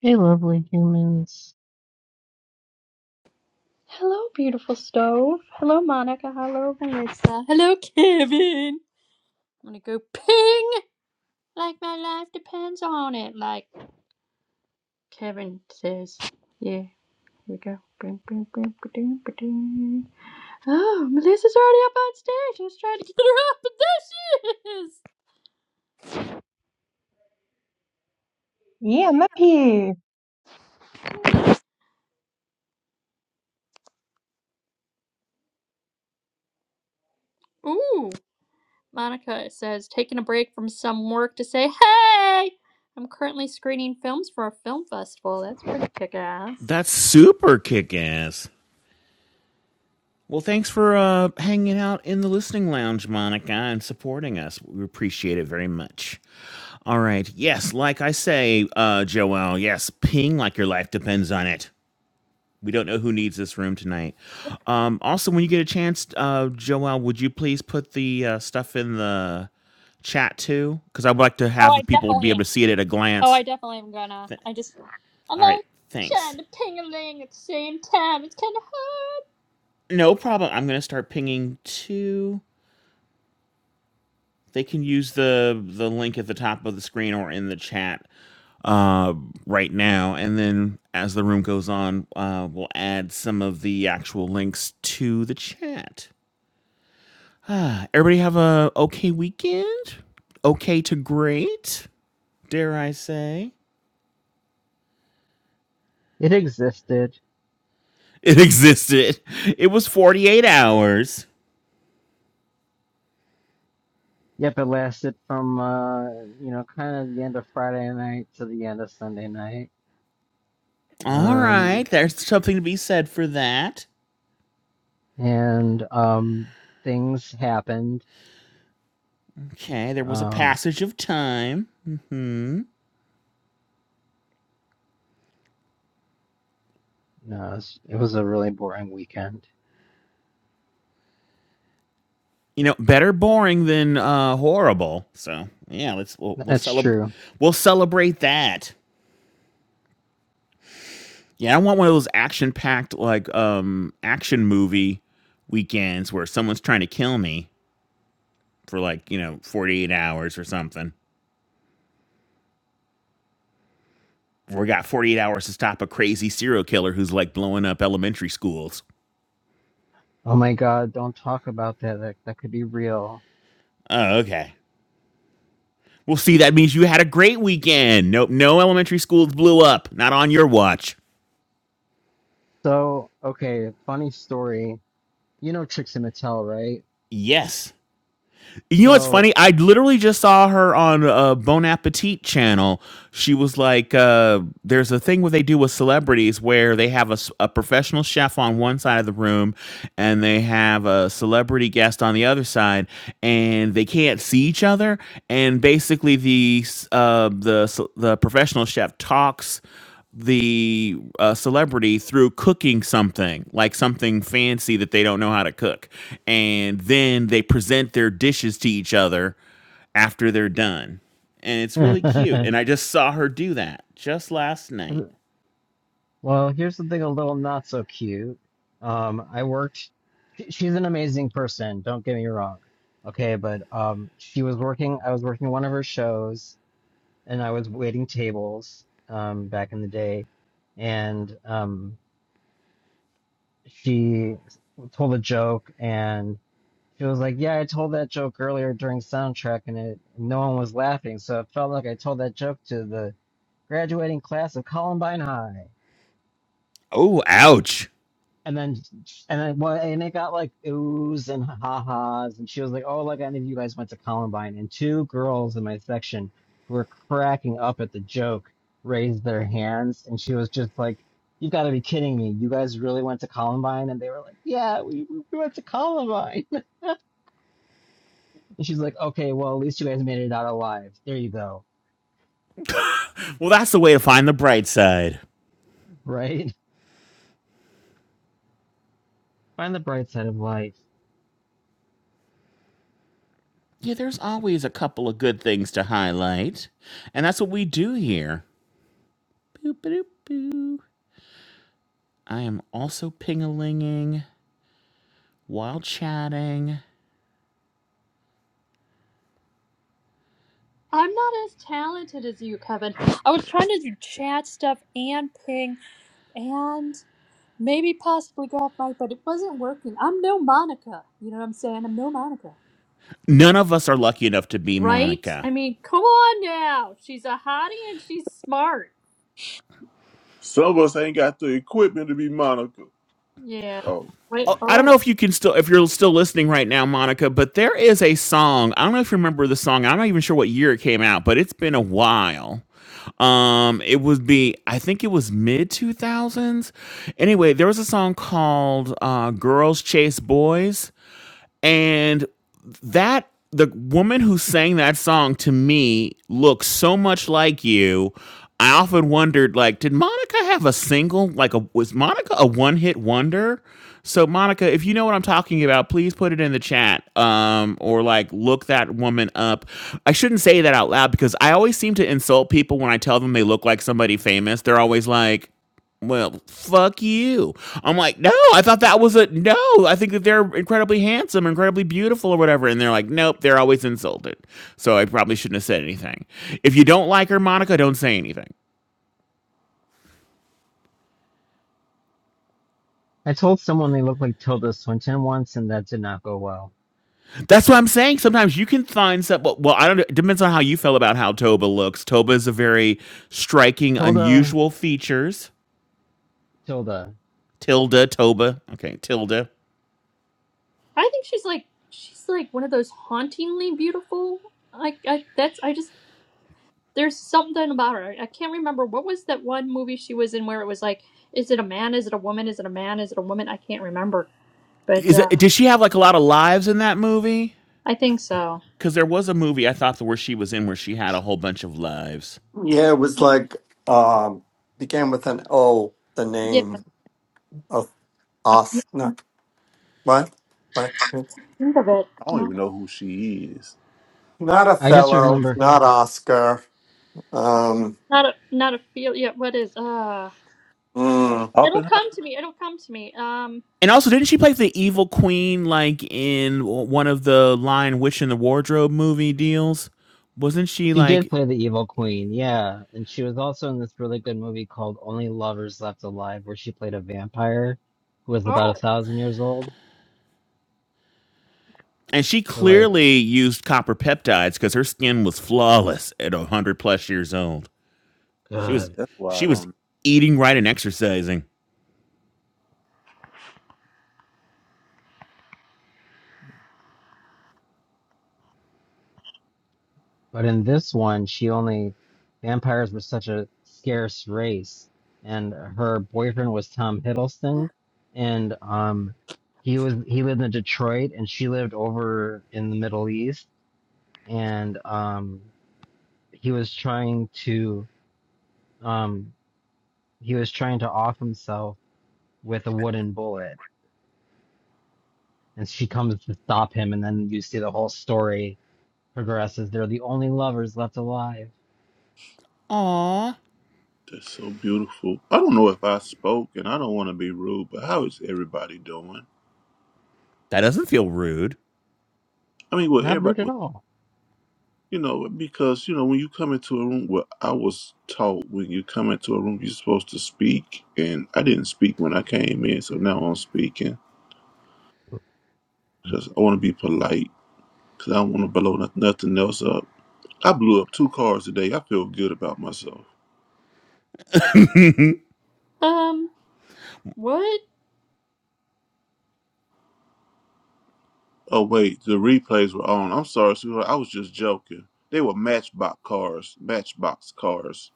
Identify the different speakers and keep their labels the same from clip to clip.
Speaker 1: Hey, lovely humans.
Speaker 2: Hello, beautiful stove. Hello, Monica. Hello, Melissa. Hello, Kevin. I'm gonna go ping like my life depends on it, like Kevin says. Yeah, here we go. Bing, bing, bing, ba-ding, ba-ding. Oh, Melissa's already up on stage. I was trying to get her up, but there she is.
Speaker 3: Yeah, I'm up here.
Speaker 2: Ooh. Monica says, taking a break from some work to say, hey, I'm currently screening films for a film festival. That's pretty kick ass.
Speaker 4: That's super kick ass. Well, thanks for uh, hanging out in the listening lounge, Monica, and supporting us. We appreciate it very much. All right. Yes, like I say, uh, Joel, yes, ping like your life depends on it. We don't know who needs this room tonight. Um, also, when you get a chance, uh, Joel, would you please put the uh, stuff in the chat too? Because I would like to
Speaker 2: Oh,
Speaker 4: have the
Speaker 2: I
Speaker 4: people be
Speaker 2: definitely
Speaker 4: able
Speaker 2: am.
Speaker 4: to see it at a
Speaker 2: Oh,
Speaker 4: glance.
Speaker 2: I definitely am gonna.
Speaker 4: Th-
Speaker 2: I just I'm
Speaker 4: All right.
Speaker 2: not
Speaker 4: Thanks.
Speaker 2: trying to ping a ling at the same time. It's kind of hard.
Speaker 4: No problem. I'm going to start pinging too. They can use the the link at the top of the screen or in the chat uh, right now, and then as the room goes on, uh, we'll add some of the actual links to the chat. Everybody have a okay weekend. Okay to great, dare I say?
Speaker 1: It existed.
Speaker 4: It existed. It was forty eight hours.
Speaker 1: Yep, it lasted from uh, you know, kind of the end of Friday night to the end of Sunday night.
Speaker 4: All right,
Speaker 1: Um,
Speaker 4: there's something to be said for that.
Speaker 1: and um, things happened.
Speaker 4: Okay, there was a
Speaker 1: Um,
Speaker 4: passage of time. Mm-hmm.
Speaker 1: no, it was, it was a really boring weekend.
Speaker 4: you know, better boring than uh, horrible. So yeah, let's we'll, we'll
Speaker 1: That's
Speaker 4: celebrate
Speaker 1: true.
Speaker 4: we'll celebrate that. Yeah, I want one of those action packed like um action movie weekends where someone's trying to kill me for like you know forty eight hours or something. We got forty eight hours to stop a crazy serial killer who's like blowing up elementary schools.
Speaker 1: Oh my God, don't talk about that. That, that could be real.
Speaker 4: Oh, okay. Well, see, that means you had a great weekend. Nope, no elementary schools blew up. Not on your watch.
Speaker 1: So, okay, funny story. You know Trixie Mattel, right?
Speaker 4: Yes. You know what's
Speaker 1: So,
Speaker 4: funny? I literally just saw her on a Bon Appetit channel. She was like, uh, "There's a thing where they do with celebrities where they have a, s- a professional chef on one side of the room, and they have a celebrity guest on the other side, and they can't see each other. And basically, the s- uh, the s- the professional chef talks." the uh, celebrity through cooking something like something fancy that they don't know how to cook and then they present their dishes to each other after they're done and it's really cute and
Speaker 1: I'm
Speaker 4: i just saw her do that just last night
Speaker 1: Well, here's something a little not so cute. Um, I worked. she- She's an amazing person. Don't get me wrong. Okay, but um, she was working. I was working one of her shows, and I was waiting tables. Um, back in the day, and um, she told a joke, and she was like, "Yeah, I told that joke earlier during soundtrack, and it no one was laughing, so it felt like I told that joke to the graduating class of Columbine High."
Speaker 4: Oh, ouch.
Speaker 1: And then, and then, well, and it got like oohs and ha-has, and she was like, "Oh, like any of you guys went to Columbine." And two girls in my section who were cracking up at the joke raised their hands, and she was just like, "You have got to be kidding me! You guys really went to Columbine?" And they were like, "Yeah, we we went to Columbine." And she's like, "Okay, well, at least you guys made it out alive. There you go,
Speaker 4: well that's the way to find the bright side
Speaker 1: right? Find the bright side of life."
Speaker 4: yeah there's always a couple of good things to highlight and that's what we do here boop, boop, boop. i am also ping-a-linging while chatting
Speaker 2: I'm not as talented as you, Kevin. I was trying to do chat stuff and ping and maybe possibly go off mic, but it wasn't working. I'm no Monica. You know what I'm saying? I'm no Monica.
Speaker 4: None of us are lucky enough to be
Speaker 2: Right?
Speaker 4: Monica.
Speaker 2: I mean, come on now. She's a hottie and she's smart.
Speaker 5: Some of us ain't got the equipment to be Monica.
Speaker 2: Yeah.
Speaker 5: Oh,
Speaker 2: Wait.
Speaker 5: boy,
Speaker 4: Oh, I don't know
Speaker 2: Oh.
Speaker 4: if you can still, if you're still listening right now, Monica, but there is a song. I don't know if you remember the song. I'm not even sure what year it came out, but it's been a while. Um, it would be, I think it was mid 2000s. Anyway, there was a song called uh, Girls Chase Boys and that the woman who sang that song to me looks so much like you i often wondered like did monica have a single like a was monica a one-hit wonder so monica if you know what i'm talking about please put it in the chat um or like look that woman up i shouldn't say that out loud because i always seem to insult people when i tell them they look like somebody famous they're always like well, fuck you. I'm like, no, I thought that was a no. I think that they're incredibly handsome, incredibly beautiful, or whatever. And they're like, nope, they're always insulted. So I probably shouldn't have said anything. If you don't like her, Monica, don't say anything.
Speaker 1: I told someone they looked like Tilda Swinton once, and that did not go well.
Speaker 4: That's what I'm saying. Sometimes you can find some. Well, well, I don't. It depends on how you feel about how Toba looks. Toba is a very striking,
Speaker 1: Tilda,
Speaker 4: unusual features.
Speaker 1: Tilda.
Speaker 4: Tilda, Toba. Okay, Tilda.
Speaker 2: I think she's like she's like one of those hauntingly beautiful. Like I that's I just There's something about her. I can't remember what was that one movie she was in where it was like, is it a man? Is it a woman? Is it a man? Is it a woman? I can't remember, but
Speaker 4: Is it?
Speaker 2: uh,
Speaker 4: Did she have like a lot of lives in that movie?
Speaker 2: I think so.
Speaker 4: because there was a movie I thought that where she was in where she had a whole bunch of lives.
Speaker 6: Yeah, it was like um began with an O, the
Speaker 2: Yeah,
Speaker 6: name of
Speaker 2: I f-
Speaker 6: Os not what? What
Speaker 2: think of it.
Speaker 5: I don't
Speaker 2: No,
Speaker 5: even know who she is.
Speaker 6: not
Speaker 1: I just
Speaker 6: Othello,
Speaker 1: remember
Speaker 6: not Oscar. Um
Speaker 2: not a not a feel. Yeah, what is? Uh,
Speaker 6: mm,
Speaker 2: it'll
Speaker 5: Oppenheimer?
Speaker 2: come to me. It'll come to me. Um.
Speaker 4: And also, didn't she play the evil queen like in one of the Lion Witch in the Wardrobe movie deals? Wasn't she
Speaker 1: she did
Speaker 4: like?
Speaker 1: play the evil queen, yeah, and she was also in this really good movie called Only Lovers Left Alive, where she played a vampire who was about a
Speaker 2: Oh.
Speaker 1: thousand years old.
Speaker 4: And she
Speaker 1: So like,
Speaker 4: clearly used copper peptides because her skin was flawless at a hundred plus years old. She was
Speaker 1: good.
Speaker 5: That's why
Speaker 4: she
Speaker 5: I
Speaker 4: was
Speaker 5: don't.
Speaker 4: eating right and exercising.
Speaker 1: But in this one, she only vampires were such a scarce race, and her boyfriend was Tom Hiddleston, and um, he was he lived in Detroit, and she lived over in the Middle East, and um, he was trying to. um. he was trying to off himself with a wooden bullet and she comes to stop him and then you see the whole story progresses they're the only lovers left alive
Speaker 4: Aw,
Speaker 5: That's so beautiful. I don't know if I spoke, and I don't want to be rude, but how is everybody doing?
Speaker 4: that doesn't feel rude.
Speaker 5: I mean, well,
Speaker 1: not
Speaker 5: everybody
Speaker 1: rude at
Speaker 5: was,
Speaker 1: all
Speaker 5: you know, because, you know, when you come into a room, well, I was taught when you come into a room, you're supposed to speak, and I didn't speak when I came in, so now I'm speaking because I want to be polite because I don't want to blow no- nothing else up. I blew up two cars today. I feel good about myself.
Speaker 2: Um. What?
Speaker 5: Oh wait, the replays were on. I'm sorry, sweetheart. I was just joking. They were Matchbox cars. Matchbox cars.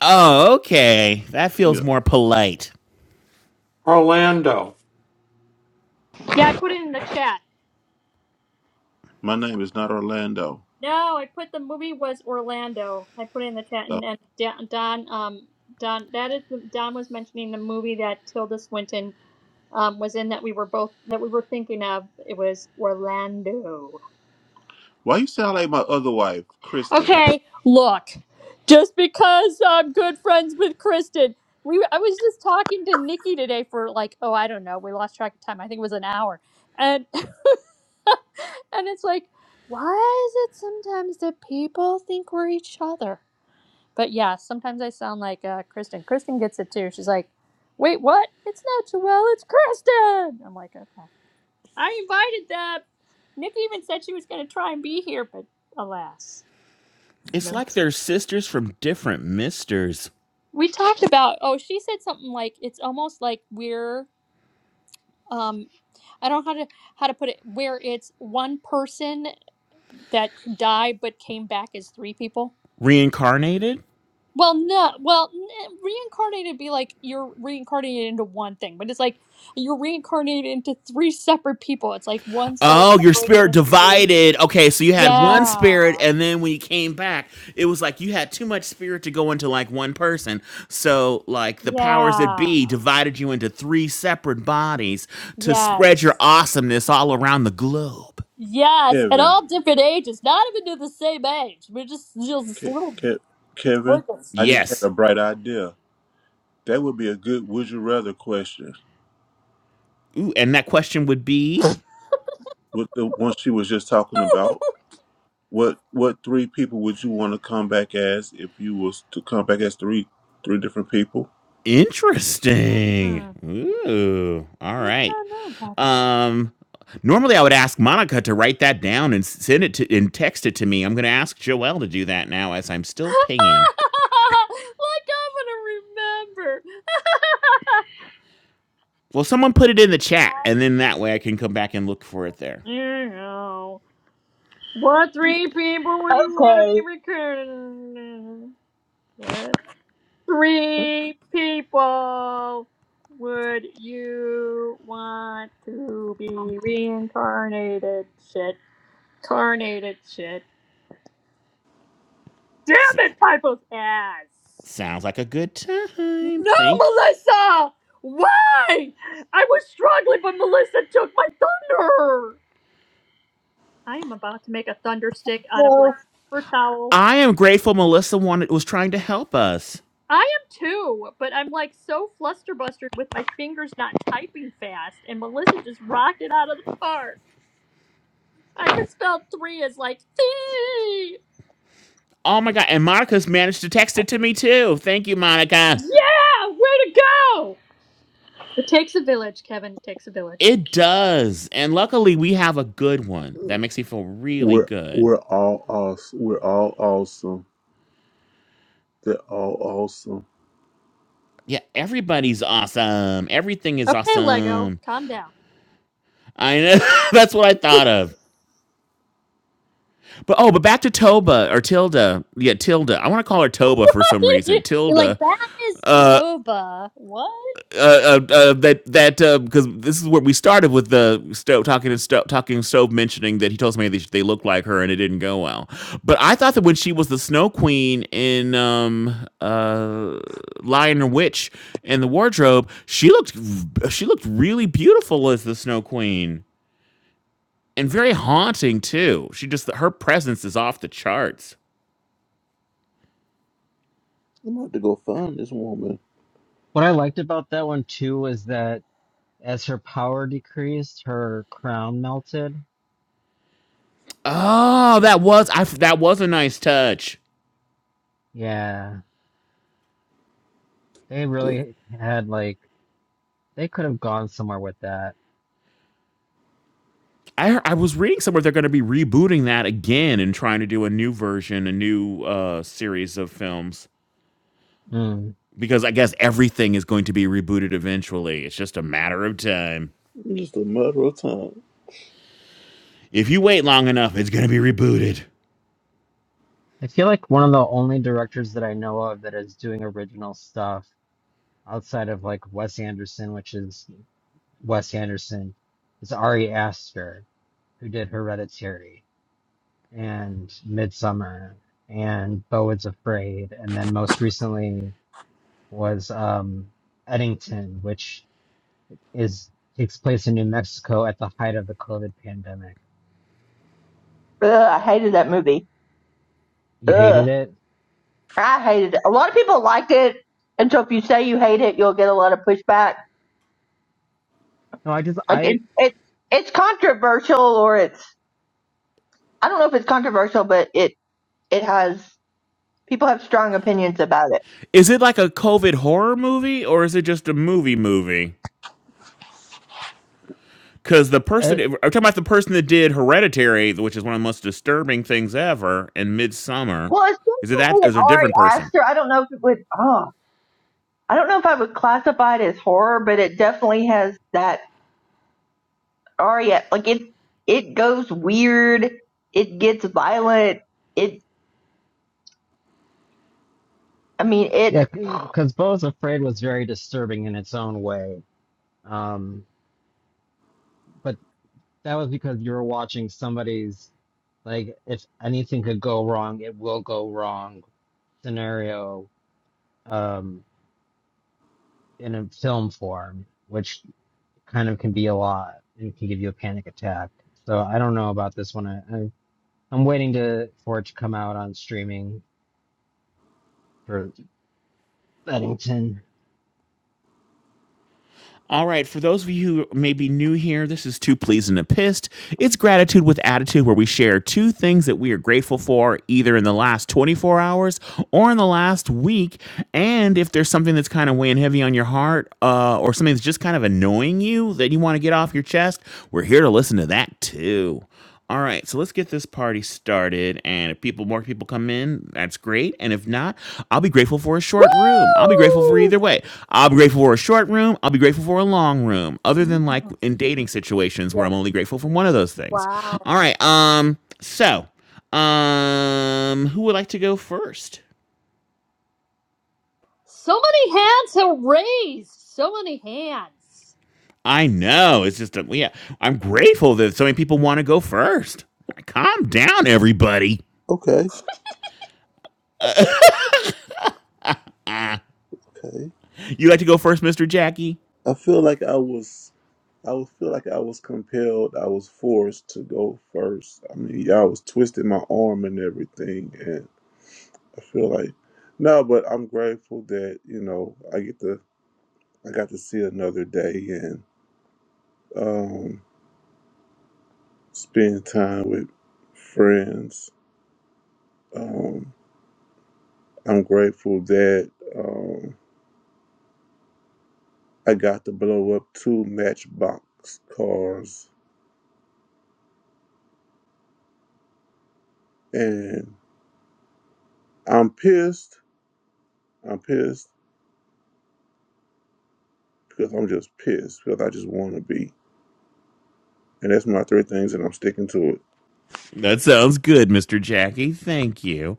Speaker 4: Oh, okay, that feels
Speaker 5: Yeah.
Speaker 4: more polite.
Speaker 6: Orlando.
Speaker 2: Yeah, I put it in the chat.
Speaker 5: My name is not Orlando.
Speaker 2: No, I put the movie was Orlando. I put it in the chat,
Speaker 5: Uh,
Speaker 2: and, and Don, Don, um, Don, that is Don was mentioning the movie that Tilda Swinton um, was in that we were both that we were thinking of. It was Orlando.
Speaker 5: why you sound like my other wife, Kristen?
Speaker 2: Okay, look, just because I'm good friends with Kristen, we I was just talking to Nikki today for like oh I don't know we lost track of time. I think it was an hour, and and it's like why is it sometimes that people think we're each other? But yeah, sometimes I sound like uh, Kristen. Kristen gets it too. She's like, wait, what? It's not Joelle, it's Kristen. I'm like, okay. I invited them. Nick even said she was going to try and be here, but alas,
Speaker 4: It's
Speaker 2: no.
Speaker 4: like they're sisters from different misters.
Speaker 2: We talked about. Oh, she said something like it's almost like we're. Um, I don't know how to how to put it. Where it's one person that died but came back as three people.
Speaker 4: reincarnated?
Speaker 2: Well, no. Well, n- reincarnated would be like you're reincarnated into one thing, but it's like you're reincarnated into three separate people. It's like one soul
Speaker 4: Oh, your
Speaker 2: separated
Speaker 4: spirit
Speaker 2: into three.
Speaker 4: divided. Okay, so you had one
Speaker 2: Yeah.
Speaker 4: spirit, and then when you came back, it was like you had too much spirit to go into like one person. So, like, the powers that
Speaker 2: Yeah.
Speaker 4: be divided you into three separate bodies to spread your
Speaker 2: Yes.
Speaker 4: awesomeness all around the globe.
Speaker 2: Yes, at
Speaker 5: Kevin.
Speaker 2: all different ages, not even to the same age. We're just just
Speaker 5: Ke-
Speaker 2: little
Speaker 5: Ke- Kevin.
Speaker 2: sprinkles.
Speaker 5: I just had
Speaker 4: Yes.
Speaker 5: a bright idea. That would be a good would you rather question.
Speaker 4: Ooh, and that question would be?
Speaker 5: With the one she was just talking about. What what three people would you want to come back as if you was to come back as three three different people?
Speaker 4: Interesting.
Speaker 2: Hmm.
Speaker 4: Ooh. All
Speaker 2: I don't
Speaker 4: right.
Speaker 2: know about
Speaker 4: Um normally I would ask Monica to write that down and send it to and text it to me. I'm going to ask Joelle to do that now as I'm still
Speaker 2: like
Speaker 4: pinging.
Speaker 2: I'm gonna remember.
Speaker 4: Well, someone put it in the chat
Speaker 2: I,
Speaker 4: and then that way I can come back and look for it there.
Speaker 2: you know, what
Speaker 4: Boop.
Speaker 2: three people would you want to be
Speaker 3: Okay.
Speaker 2: recruited? What three people would you want to be reincarnated? Shit. Carnated shit. Damn
Speaker 4: S-
Speaker 2: it, Pipo's ass!
Speaker 4: sounds like a good time.
Speaker 2: No,
Speaker 4: Thank
Speaker 2: Melissa! Why? I was struggling, but Melissa took my thunder! I am about to make a thunder stick out of like
Speaker 3: Well,
Speaker 2: paper towel.
Speaker 4: I am grateful Melissa wanted was trying to help us.
Speaker 2: I am too, but I'm like so flusterbustered with my fingers not typing fast, and Melissa just rocked it out of the park. I could spell three as like three.
Speaker 4: Oh my god, and Monica's managed to text it to me too. Thank you, Monica.
Speaker 2: Yeah, way to go! It takes a village, Kevin. It takes a village.
Speaker 4: It does. And luckily, we have a good one that makes me feel really
Speaker 5: We're
Speaker 4: good.
Speaker 5: we're all awesome. We're all awesome. They're all awesome.
Speaker 4: Yeah, everybody's awesome. Everything is
Speaker 2: Okay, Lego,
Speaker 4: awesome.
Speaker 2: calm down.
Speaker 4: I know. That's what I thought of. But oh, but back to Toba or Tilda. Yeah, Tilda. I want to call her Toba for some reason.
Speaker 2: You're like,
Speaker 4: Tilda.
Speaker 2: that is
Speaker 4: Uh.
Speaker 2: Toba. What?
Speaker 4: uh, uh, uh, that that because uh, this is where we started with the stove talking to stove talking stove mentioning that he told somebody they, they looked like her and it didn't go well. But I thought that when she was the Snow Queen in um uh Lion and Witch and the wardrobe, she looked she looked really beautiful as the Snow Queen and very haunting too. She just her presence is off the charts.
Speaker 5: I'm about to go find this woman.
Speaker 1: what i liked about that one too was that as her power decreased her crown melted
Speaker 4: Oh, that was I, that was a nice touch.
Speaker 1: yeah they
Speaker 5: Look,
Speaker 1: really had like they could have gone somewhere with that
Speaker 4: I hear- I was reading somewhere they're going to be rebooting that again and trying to do a new version, a new uh, series of films
Speaker 1: mm.
Speaker 4: because I guess everything is going to be rebooted eventually. It's just a matter of time.
Speaker 5: it's Just a matter of time.
Speaker 4: If you wait long enough, it's going to be rebooted.
Speaker 1: i feel like one of the only directors that i know of that is doing original stuff outside of like Wes Anderson, which is Wes Anderson is Ari Aster, who did Hereditary and Midsummer and Boyd's Afraid, and then most recently was um, Eddington, which is takes place in New Mexico at the height of the COVID pandemic.
Speaker 3: Ugh, I hated that movie.
Speaker 1: You
Speaker 3: Ugh,
Speaker 1: hated it?
Speaker 3: I hated it. A lot of people liked it, and so if you say you hate it, you'll get a lot of pushback.
Speaker 1: No, I just
Speaker 3: Like
Speaker 1: I
Speaker 3: it, it it's controversial, or it's I don't know if it's controversial, but it it has people have strong opinions about it.
Speaker 4: Is it like a COVID horror movie or is it just a movie movie? Because the person,
Speaker 1: it,
Speaker 4: I'm talking about the person that did Hereditary, which is one of the most disturbing things ever, and Midsummer.
Speaker 3: Well, it's
Speaker 4: Is it that?
Speaker 3: definitely an
Speaker 4: Is it a different
Speaker 3: Ari
Speaker 4: person?
Speaker 3: Aster. I don't know if it would. Oh, I don't know if I would classify it as horror, but it definitely has that or yeah, like it it goes weird, it gets violent, it I mean it
Speaker 1: yeah, because Bo's Afraid was very disturbing in its own way. Um, but That was because you were watching somebody's, like, if anything could go wrong, it will go wrong scenario um, in a film form, which kind of can be a lot and can give you a panic attack. So I don't know about this one. I, I, I'm waiting to for it to come out on streaming for Bennington.
Speaker 4: All right, for those of you who may be new here, this is Two Pleased and a Pissed. It's Gratitude with Attitude, where we share two things that we are grateful for, either in the last 24 hours or in the last week. And if there's something that's kind of weighing heavy on your heart uh, or something that's just kind of annoying you that you want to get off your chest, we're here to listen to that too. All right, so let's get this party started. And if people, more people come in, that's great. And if not, I'll be grateful for a short room. I'll be grateful for
Speaker 2: Woo!
Speaker 4: either way. I'll be grateful for a short room. I'll be grateful for a long room. Other than like
Speaker 2: Mhm.
Speaker 4: in dating situations where
Speaker 2: Yep.
Speaker 4: I'm only grateful for one of those things.
Speaker 2: Wow.
Speaker 4: All right. Um. So, um, who would like to go first?
Speaker 2: So many hands have raised. So many hands.
Speaker 4: I know it's just a, yeah. I'm grateful that so many people want to go first. Calm down, everybody.
Speaker 5: Okay, okay.
Speaker 4: You like to go first, Mister Jackie?
Speaker 5: I feel like I was. I would feel like I was compelled. I was forced to go first. I mean, y'all was twisting my arm and everything, and I feel like no. But I'm grateful that you know I get to. I got to see another day and um, spend time with friends. Um, I'm grateful that. Um, I got to blow up two matchbox cars. And I'm pissed. I'm pissed because I'm just pissed because I just want to be. And that's my three things, and I'm sticking to it.
Speaker 4: That sounds good, Mr. Jackie. Thank you.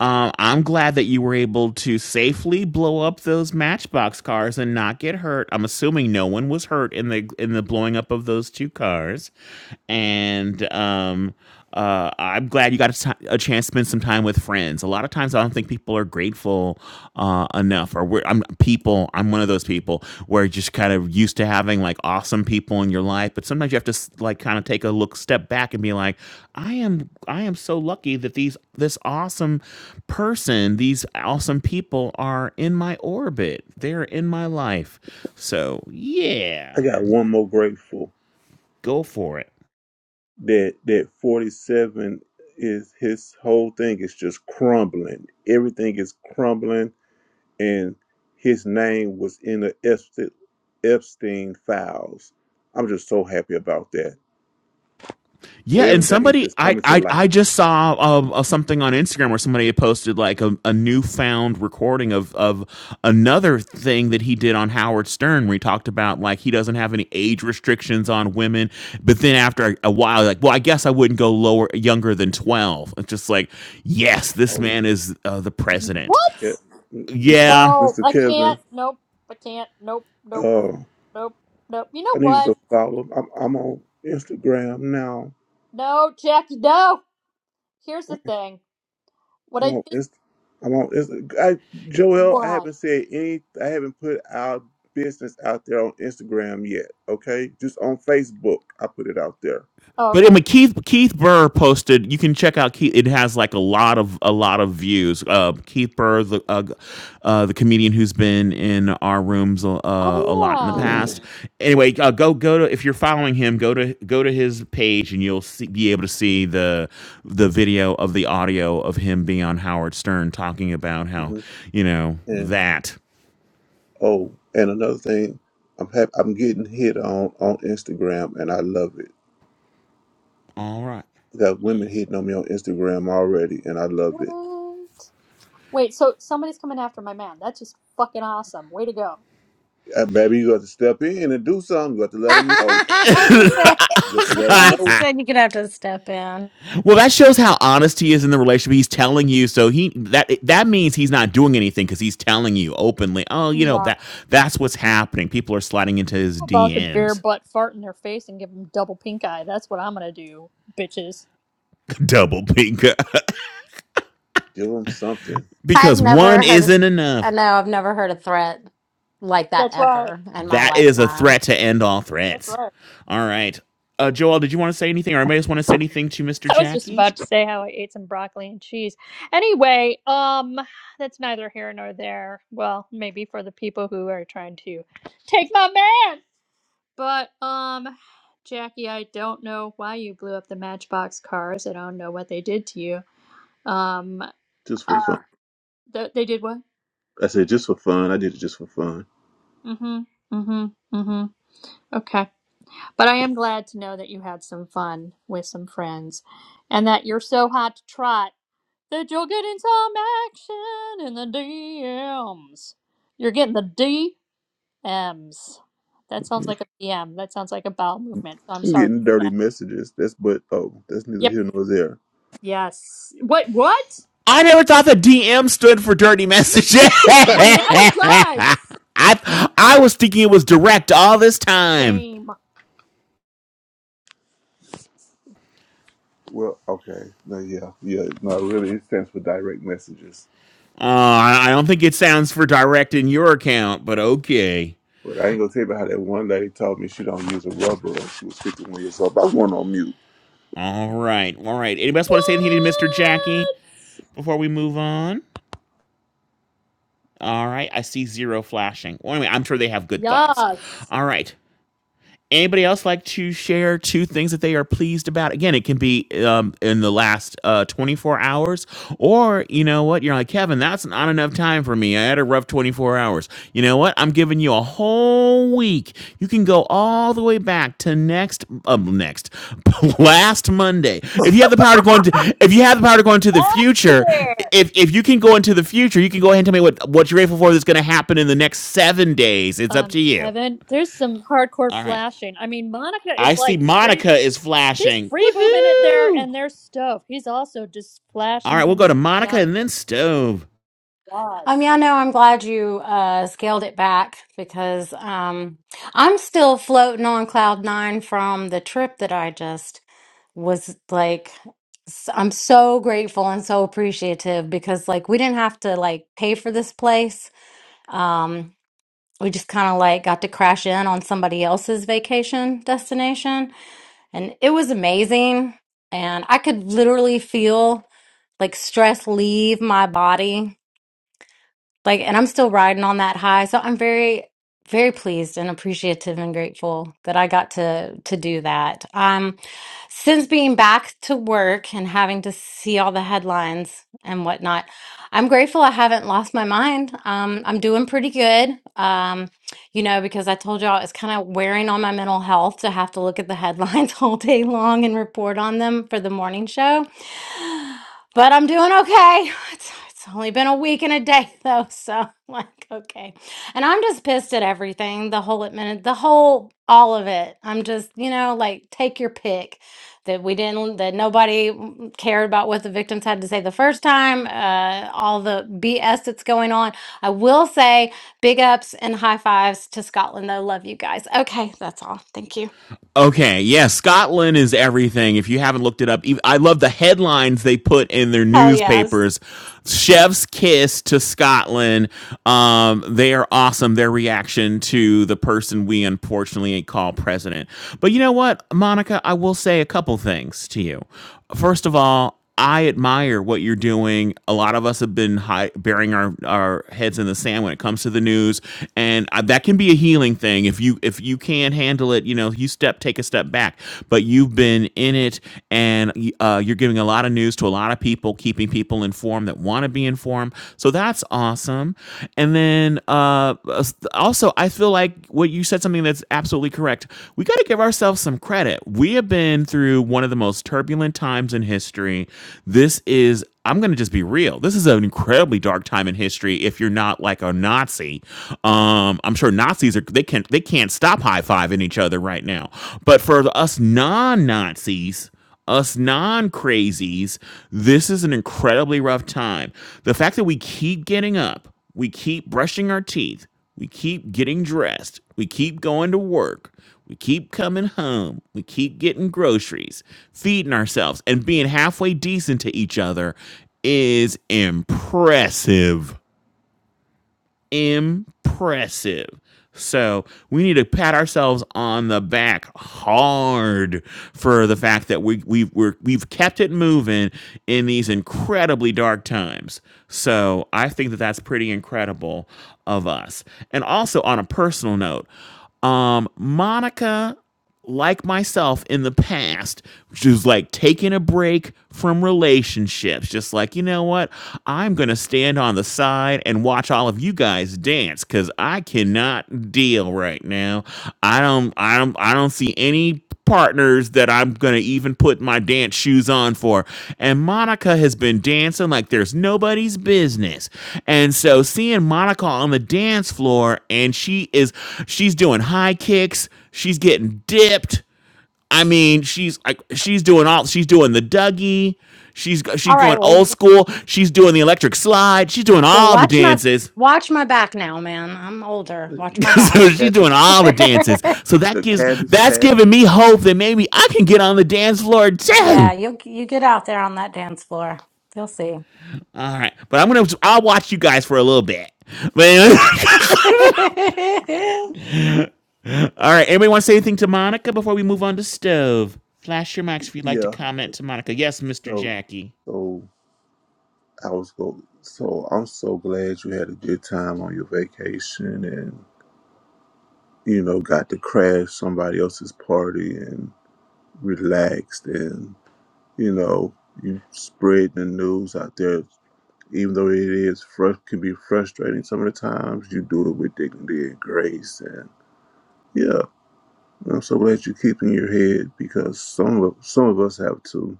Speaker 4: Uh, I'm glad that you were able to safely blow up those Matchbox cars and not get hurt. I'm assuming no one was hurt in the in the blowing up of those two cars, and um, uh, I'm glad you got a t- a chance to spend some time with friends. A lot of times, I don't think people are grateful uh, enough or we're, I'm people. I'm one of those people where just kind of used to having like awesome people in your life, but sometimes you have to s- like kind of take a look, step back, and be like, I am, I am so lucky that these, this awesome person, these awesome people are in my orbit. They're in my life. So
Speaker 5: I
Speaker 4: yeah,
Speaker 5: got one more grateful
Speaker 4: go for it.
Speaker 5: that that 47 is his whole thing is just crumbling. Everything is crumbling, and his name was in the Epstein, Epstein files. I'm just so happy about that. So
Speaker 4: Yeah, and
Speaker 5: everything is
Speaker 4: somebody
Speaker 5: just
Speaker 4: I
Speaker 5: coming to
Speaker 4: I,
Speaker 5: light.
Speaker 4: I just saw um, uh, something on Instagram where somebody had posted like a, a newfound recording of of another thing that he did on Howard Stern where he talked about like he doesn't have any age restrictions on women, but then after a, a while like well I guess I wouldn't go lower younger than 12. It's just like yes, this
Speaker 5: Oh,
Speaker 4: man is uh, the president.
Speaker 2: What?
Speaker 5: Yeah, m- Mr.
Speaker 4: Yeah,
Speaker 2: No,
Speaker 5: Mr.
Speaker 2: I can't.
Speaker 5: Kevin,
Speaker 2: Nope. I can't. Nope. Nope.
Speaker 5: uh,
Speaker 2: Nope. Nope. You
Speaker 5: I
Speaker 2: know
Speaker 5: need you
Speaker 2: what?
Speaker 5: to follow. I'm I'm on Instagram now.
Speaker 2: No, Jackie, no. Here's the thing. What
Speaker 5: I'm
Speaker 2: I
Speaker 5: on
Speaker 2: think
Speaker 5: Inst. I'm on Inst. I Joel, I
Speaker 2: why.
Speaker 5: haven't said any. I haven't put our business out there on Instagram yet. Okay, just on Facebook, I put it out there.
Speaker 2: Oh,
Speaker 4: But I
Speaker 2: okay.
Speaker 4: mean, Keith Keith Burr posted. You can check out Keith. It has like a lot of a lot of views. Uh, Keith Burr, the uh, uh, the comedian who's been in our rooms a- uh, a lot in the
Speaker 2: Oh yeah.
Speaker 4: past.
Speaker 5: hmm
Speaker 4: Anyway, uh, go go to if you're following him, go to go to his page and you'll see, be able to see the the video of the audio of him being on Howard Stern talking about how you know
Speaker 5: And
Speaker 4: that.
Speaker 5: oh, and another thing, I'm hap- I'm getting hit on on Instagram, and I love it.
Speaker 4: All right.
Speaker 5: I got women hitting on me on Instagram already, and I love it.
Speaker 2: Wait. Wait, so somebody's coming after my man. That's just fucking awesome. Way to go.
Speaker 5: Uh, baby, you got to step in and do something. You got to let them know.
Speaker 7: he said,
Speaker 5: You got to let them
Speaker 7: he
Speaker 5: know.
Speaker 7: said you're gonna have to step in.
Speaker 4: Well, that shows how honest he is in the relationship. He's telling you, so he that that means he's not doing anything because he's telling you openly. Oh, you know
Speaker 2: Yeah.
Speaker 4: that that's what's happening. People are sliding into his
Speaker 2: about to bare
Speaker 4: DMs.
Speaker 2: butt fart in their face and give them double pink eye. That's what I'm gonna do, bitches.
Speaker 4: Double pink
Speaker 5: Give them something
Speaker 7: I've
Speaker 4: because one
Speaker 7: never heard.
Speaker 4: isn't
Speaker 7: I
Speaker 4: enough.
Speaker 7: know I've never heard a threat like that
Speaker 2: That's right.
Speaker 7: ever in my
Speaker 4: That is a
Speaker 7: lifetime.
Speaker 4: threat to end all
Speaker 2: That's
Speaker 4: threats.
Speaker 2: right.
Speaker 4: All right, uh, Joel, did you want to say anything, or anybody else want to say anything to Mister
Speaker 2: I was just
Speaker 4: Jackie?
Speaker 2: about to say how I ate some broccoli and cheese. Anyway, um, that's neither here nor there. Well, maybe for the people who are trying to take my man. But um, Jackie, I don't know why you blew up the Matchbox cars. I don't know what they did to you. Um,
Speaker 5: just for
Speaker 2: uh,
Speaker 5: fun.
Speaker 2: th- they did what?
Speaker 5: I said just for fun. I did it just for fun.
Speaker 2: Mm-hmm. Mm-hmm. Mm-hmm. Okay. But I am glad to know that you had some fun with some friends and that you're so hot to trot that you're getting some action in the DMs. You're getting the DMs. That sounds like a DM. That sounds like a bowel movement. So I'm
Speaker 5: I'm
Speaker 2: sorry
Speaker 5: getting dirty
Speaker 2: about that.
Speaker 5: messages. That's but oh, that's neither
Speaker 2: Yep.
Speaker 5: here nor there.
Speaker 2: Yes. What? What?
Speaker 4: I never thought the DM stood for dirty messages.
Speaker 2: Well, now it does.
Speaker 4: I I was thinking it was direct all this time.
Speaker 2: Same. What?
Speaker 5: Well, okay. No, yeah, yeah. No, really, it stands for direct messages.
Speaker 4: Uh, I don't think it sounds for direct in your account, but okay.
Speaker 5: But I ain't gonna tell you about how that one lady told me she don't use a rubber. When she was 51 years old. I was going on mute.
Speaker 4: All right, all right. Anybody else want to say anything to Mr. Jackie before we move on? All right, I see zero flashing. Well, anyway, I'm sure they have good thoughts.
Speaker 2: Yes.
Speaker 4: All right, Anybody else like to share two things that they are pleased about? Again, it can be um, in the last uh, 24 hours, or you know what? You're like, Kevin, that's not enough time for me. I had a rough 24 hours. You know what? I'm giving you a whole week. You can go all the way back to next, um, next, last Monday. If you have the power to go into, if you have the power to go into the
Speaker 2: Last
Speaker 4: future,
Speaker 2: year.
Speaker 4: if, if you can go into the future, you can go ahead and tell me what, what you're grateful for that's going to happen in the next seven days. It's up
Speaker 2: Um,
Speaker 4: to you.
Speaker 2: Kevin, there's some hardcore
Speaker 4: All right.
Speaker 2: flashing. I mean, Monica
Speaker 4: I
Speaker 2: is
Speaker 4: see
Speaker 2: like free.
Speaker 4: Monica is
Speaker 2: She's
Speaker 4: flashing.
Speaker 2: free booming it there,
Speaker 4: Woohoo!
Speaker 2: and there's Stove. He's also just
Speaker 4: All
Speaker 2: flashing
Speaker 4: right, we'll
Speaker 2: him.
Speaker 4: go to Monica
Speaker 2: Yeah.
Speaker 4: and then Stove.
Speaker 7: Um,
Speaker 2: Yes.
Speaker 7: yeah, no, I'm glad you uh scaled it back because um I'm still floating on cloud nine from the trip that I just was like. s- I'm so grateful and so appreciative because like we didn't have to like pay for this place. um. we just kind of like got to crash in on somebody else's vacation destination and it was amazing and i could literally feel like stress leave my body like, and I'm still riding on that high. So I'm very, very pleased and appreciative and grateful that I got to to do that. Um, since being back to work and having to see all the headlines and whatnot, I'm grateful I haven't lost my mind. Um, I'm doing pretty good. Um, you know, because I told y'all it's kind of wearing on my mental health to have to look at the headlines all day long and report on them for the morning show but I'm doing okay. It's, it's only been a week and a day though, so like okay. And I'm just pissed at everything, the whole admin, the whole all of it. I'm just, you know, like take your pick that we didn't that nobody mm, cared about what the victims had to say the first time, uh all the BS that's going on. I will say big ups and high fives to Scotland though. Love you guys. Okay, that's all. Thank you.
Speaker 4: Okay, yeah, Scotland is everything. If you haven't looked it up, I love the headlines they put in their
Speaker 7: Hell yes.
Speaker 4: newspapers. Chef's kiss to Scotland. Um, they are awesome. Their reaction to the person we unfortunately call president. But you know what, Monica, I will say a couple things to you. First of all, I admire what you're doing. A lot of us have been high, burying our, our heads in the sand when it comes to the news, and I, that can be a healing thing. If you if you can't handle it, you know, you step take a step back. But you've been in it, and uh, you're giving a lot of news to a lot of people, keeping people informed that want to be informed. So that's awesome. And then uh, also i feel like what you said something that's absolutely correct we got to give ourselves some credit we have been through one of the most turbulent times in history this is i'm going to just be real this is an incredibly dark time in history if you're not like a nazi um i'm sure nazis are they can't they can't stop high-fiving each other right now but for us non-nazis us non crazies, this is an incredibly rough time. The fact that we keep getting up, we keep brushing our teeth, we keep getting dressed. We keep going to work. We keep coming home. We keep getting groceries, feeding ourselves, and being halfway decent to each other is impressive impressive. So we need to pat ourselves on the back hard for the fact that we we've we're, we've kept it moving in these incredibly dark times. So I think that that's pretty incredible of us. And also on a personal note, um, Monica like myself in the past, which is like taking a break from relationships, just like, you know what? I'm going to stand on the side and watch all of you guys dance cuz I cannot deal right now. I don't I don't I don't see any partners that I'm going to even put my dance shoes on for. And Monica has been dancing like there's nobody's business. And so seeing Monica on the dance floor and she is she's doing high kicks, she's getting dipped. I mean, she's like she's doing all she's doing the Dougie, she's she's
Speaker 7: All right,
Speaker 4: going
Speaker 7: well,
Speaker 4: old school, she's doing the electric slide, she's doing
Speaker 7: Well,
Speaker 4: all the
Speaker 7: watch my
Speaker 4: dances.
Speaker 7: watch my back now, man. I'm older. Watch my back.
Speaker 5: The
Speaker 4: so she's
Speaker 5: cabbage,
Speaker 4: doing all the dances. So that
Speaker 5: the
Speaker 4: gives
Speaker 5: cabbage
Speaker 4: that's
Speaker 5: patch.
Speaker 4: giving me hope that maybe I can get on the dance floor
Speaker 7: yeah,
Speaker 4: too.
Speaker 7: you you get out there on that dance floor. You'll see.
Speaker 4: All right, but I'm gonna I'll watch you guys for a little bit. But anyway, all right, anybody want to say anything to Monica before we move on to stove? Flash your mics if you'd like to
Speaker 5: Yeah.
Speaker 4: comment to Monica. Yes, Mr.
Speaker 5: So,
Speaker 4: Jackie.
Speaker 5: so I was go. So I'm so glad you had a good time on your vacation, and you know, got to crash somebody else's party and relaxed, and you know, you spread the news out there Even though it is fr- could be frustrating some of the times, you do it with dignity and grace. And yeah, I'm so glad you're keeping your head because some of some of us have to.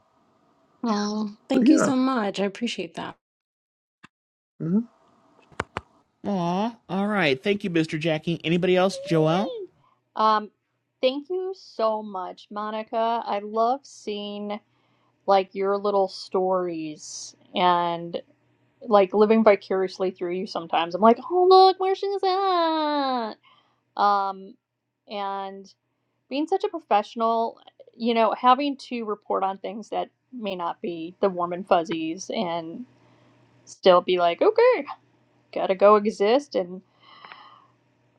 Speaker 7: well,
Speaker 5: But
Speaker 7: thank you
Speaker 5: yeah,
Speaker 7: so much. I appreciate that.
Speaker 5: mhm.
Speaker 4: Aw, all right. Thank you, Mr. Jackie. Anybody else, Joel?
Speaker 2: Um, thank you so much, Monica. I love seeing like your little stories and like living vicariously through you sometimes. I'm like, oh look, where she's at. Um, and being such a professional, you know, having to report on things that may not be the warm and fuzzies and still be like, okay, gotta go exist and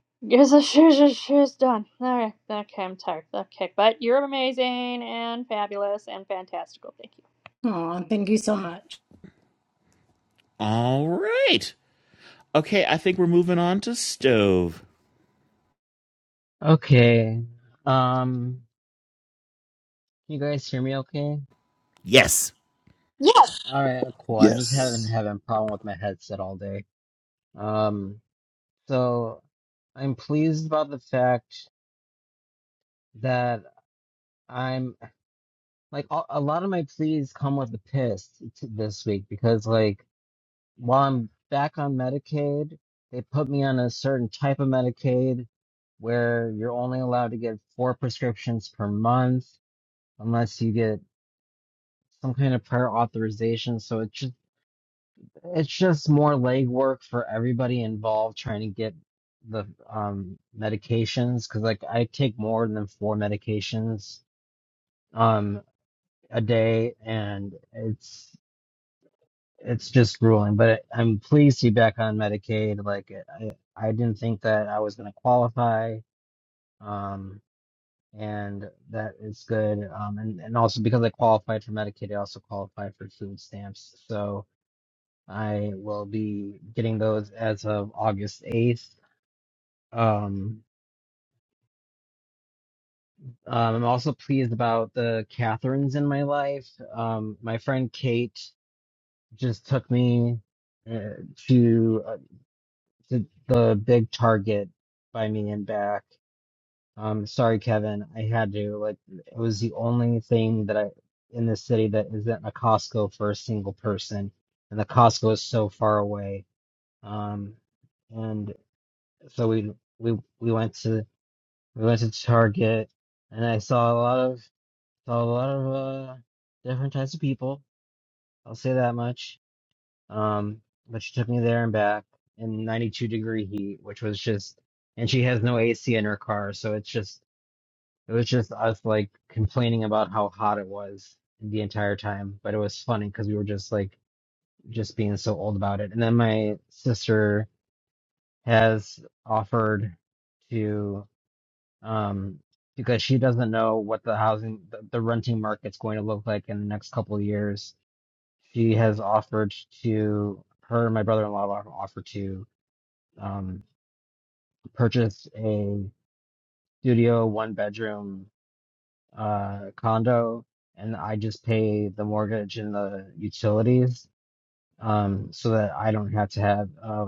Speaker 2: guess the shit shit shit's done. All right, okay, I'm tired. Okay, but you're amazing and fabulous and fantastical. Thank you.
Speaker 7: Oh, thank you so much.
Speaker 4: All right. Okay, I think we're moving on to stove.
Speaker 1: Okay. Um, can you guys hear me okay?
Speaker 4: Yes.
Speaker 2: Yes.
Speaker 1: All right, cool. I just haven't
Speaker 5: Yes.
Speaker 1: having a problem with my headset all day. Um, So I'm pleased about the fact that I'm like a a lot of my pleas come with a piss t- this week because like while I'm back on Medicaid, they put me on a certain type of Medicaid where you're only allowed to get four prescriptions per month unless you get some kind of prior authorization. So it just It's just more legwork for everybody involved trying to get the um medications because like I take more than four medications um a day and it's it's just grueling. But I'm pleased to be back on Medicaid. Like I I didn't think that I was gonna qualify. Um and that is good. Um and, and also because I qualified for Medicaid, I also qualified for food stamps. So I will be getting those as of August 8th. Um, um, I'm also pleased about the Catherines in my life. Um, my friend Kate just took me uh, to, uh, to the big Target by me and back. Um, sorry, Kevin, I had to. Like, it was the only thing that I in this city that isn't a Costco for a single person, and the Costco is so far away. Um, and so we we we went to we went to Target, and I saw a lot of saw a lot of uh, different types of people. I'll say that much. Um, but she took me there and back in 92 degree heat, which was just, and she has no AC in her car, so it's just it was just us like complaining about how hot it was the entire time. But it was funny because we were just like just being so old about it. And then my sister has offered. to. um, because she doesn't know what the housing, the, the renting market's going to look like in the next couple of years. She has offered to, her and my brother-in-law have offered to um, purchase a studio, one bedroom uh, condo, and I just pay the mortgage and the utilities um, so that I don't have to have uh,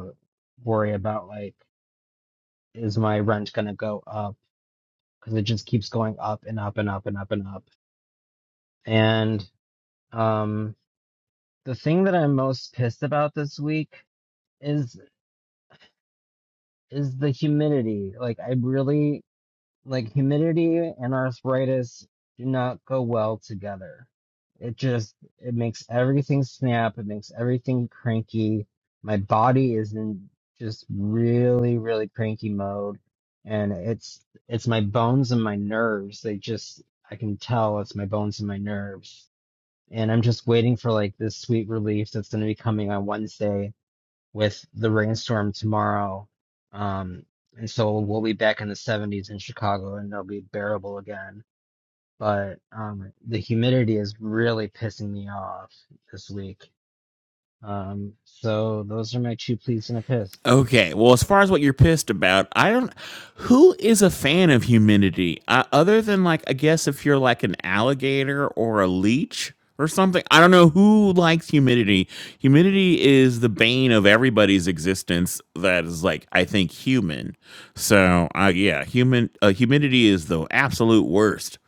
Speaker 1: worry about like, is my rent going to go up? Because it just keeps going up and up and up and up and up. and Um, the thing that I'm most pissed about this week is is the humidity. Like I really like humidity and arthritis do not go well together. It just it makes everything snap, it makes everything cranky. My body is in just really, really cranky mode. And it's it's my bones and my nerves. They just I can tell it's my bones and my nerves and I'm just waiting for like this sweet relief that's going to be coming on Wednesday with the rainstorm tomorrow. Um, and so we'll be back in the 70s in Chicago and it'll be bearable again. But um, the humidity is really pissing me off this week. Um, so those are my two pleas and a piss.
Speaker 4: Okay. Well, as far as what you're pissed about, I don't. Who is a fan of humidity? Uh, other than like, I guess if you're like an alligator or a leech or something, I don't know who likes humidity. Humidity is the bane of everybody's existence. That is like, I think human. So, uh, yeah, human. Uh, humidity is the absolute worst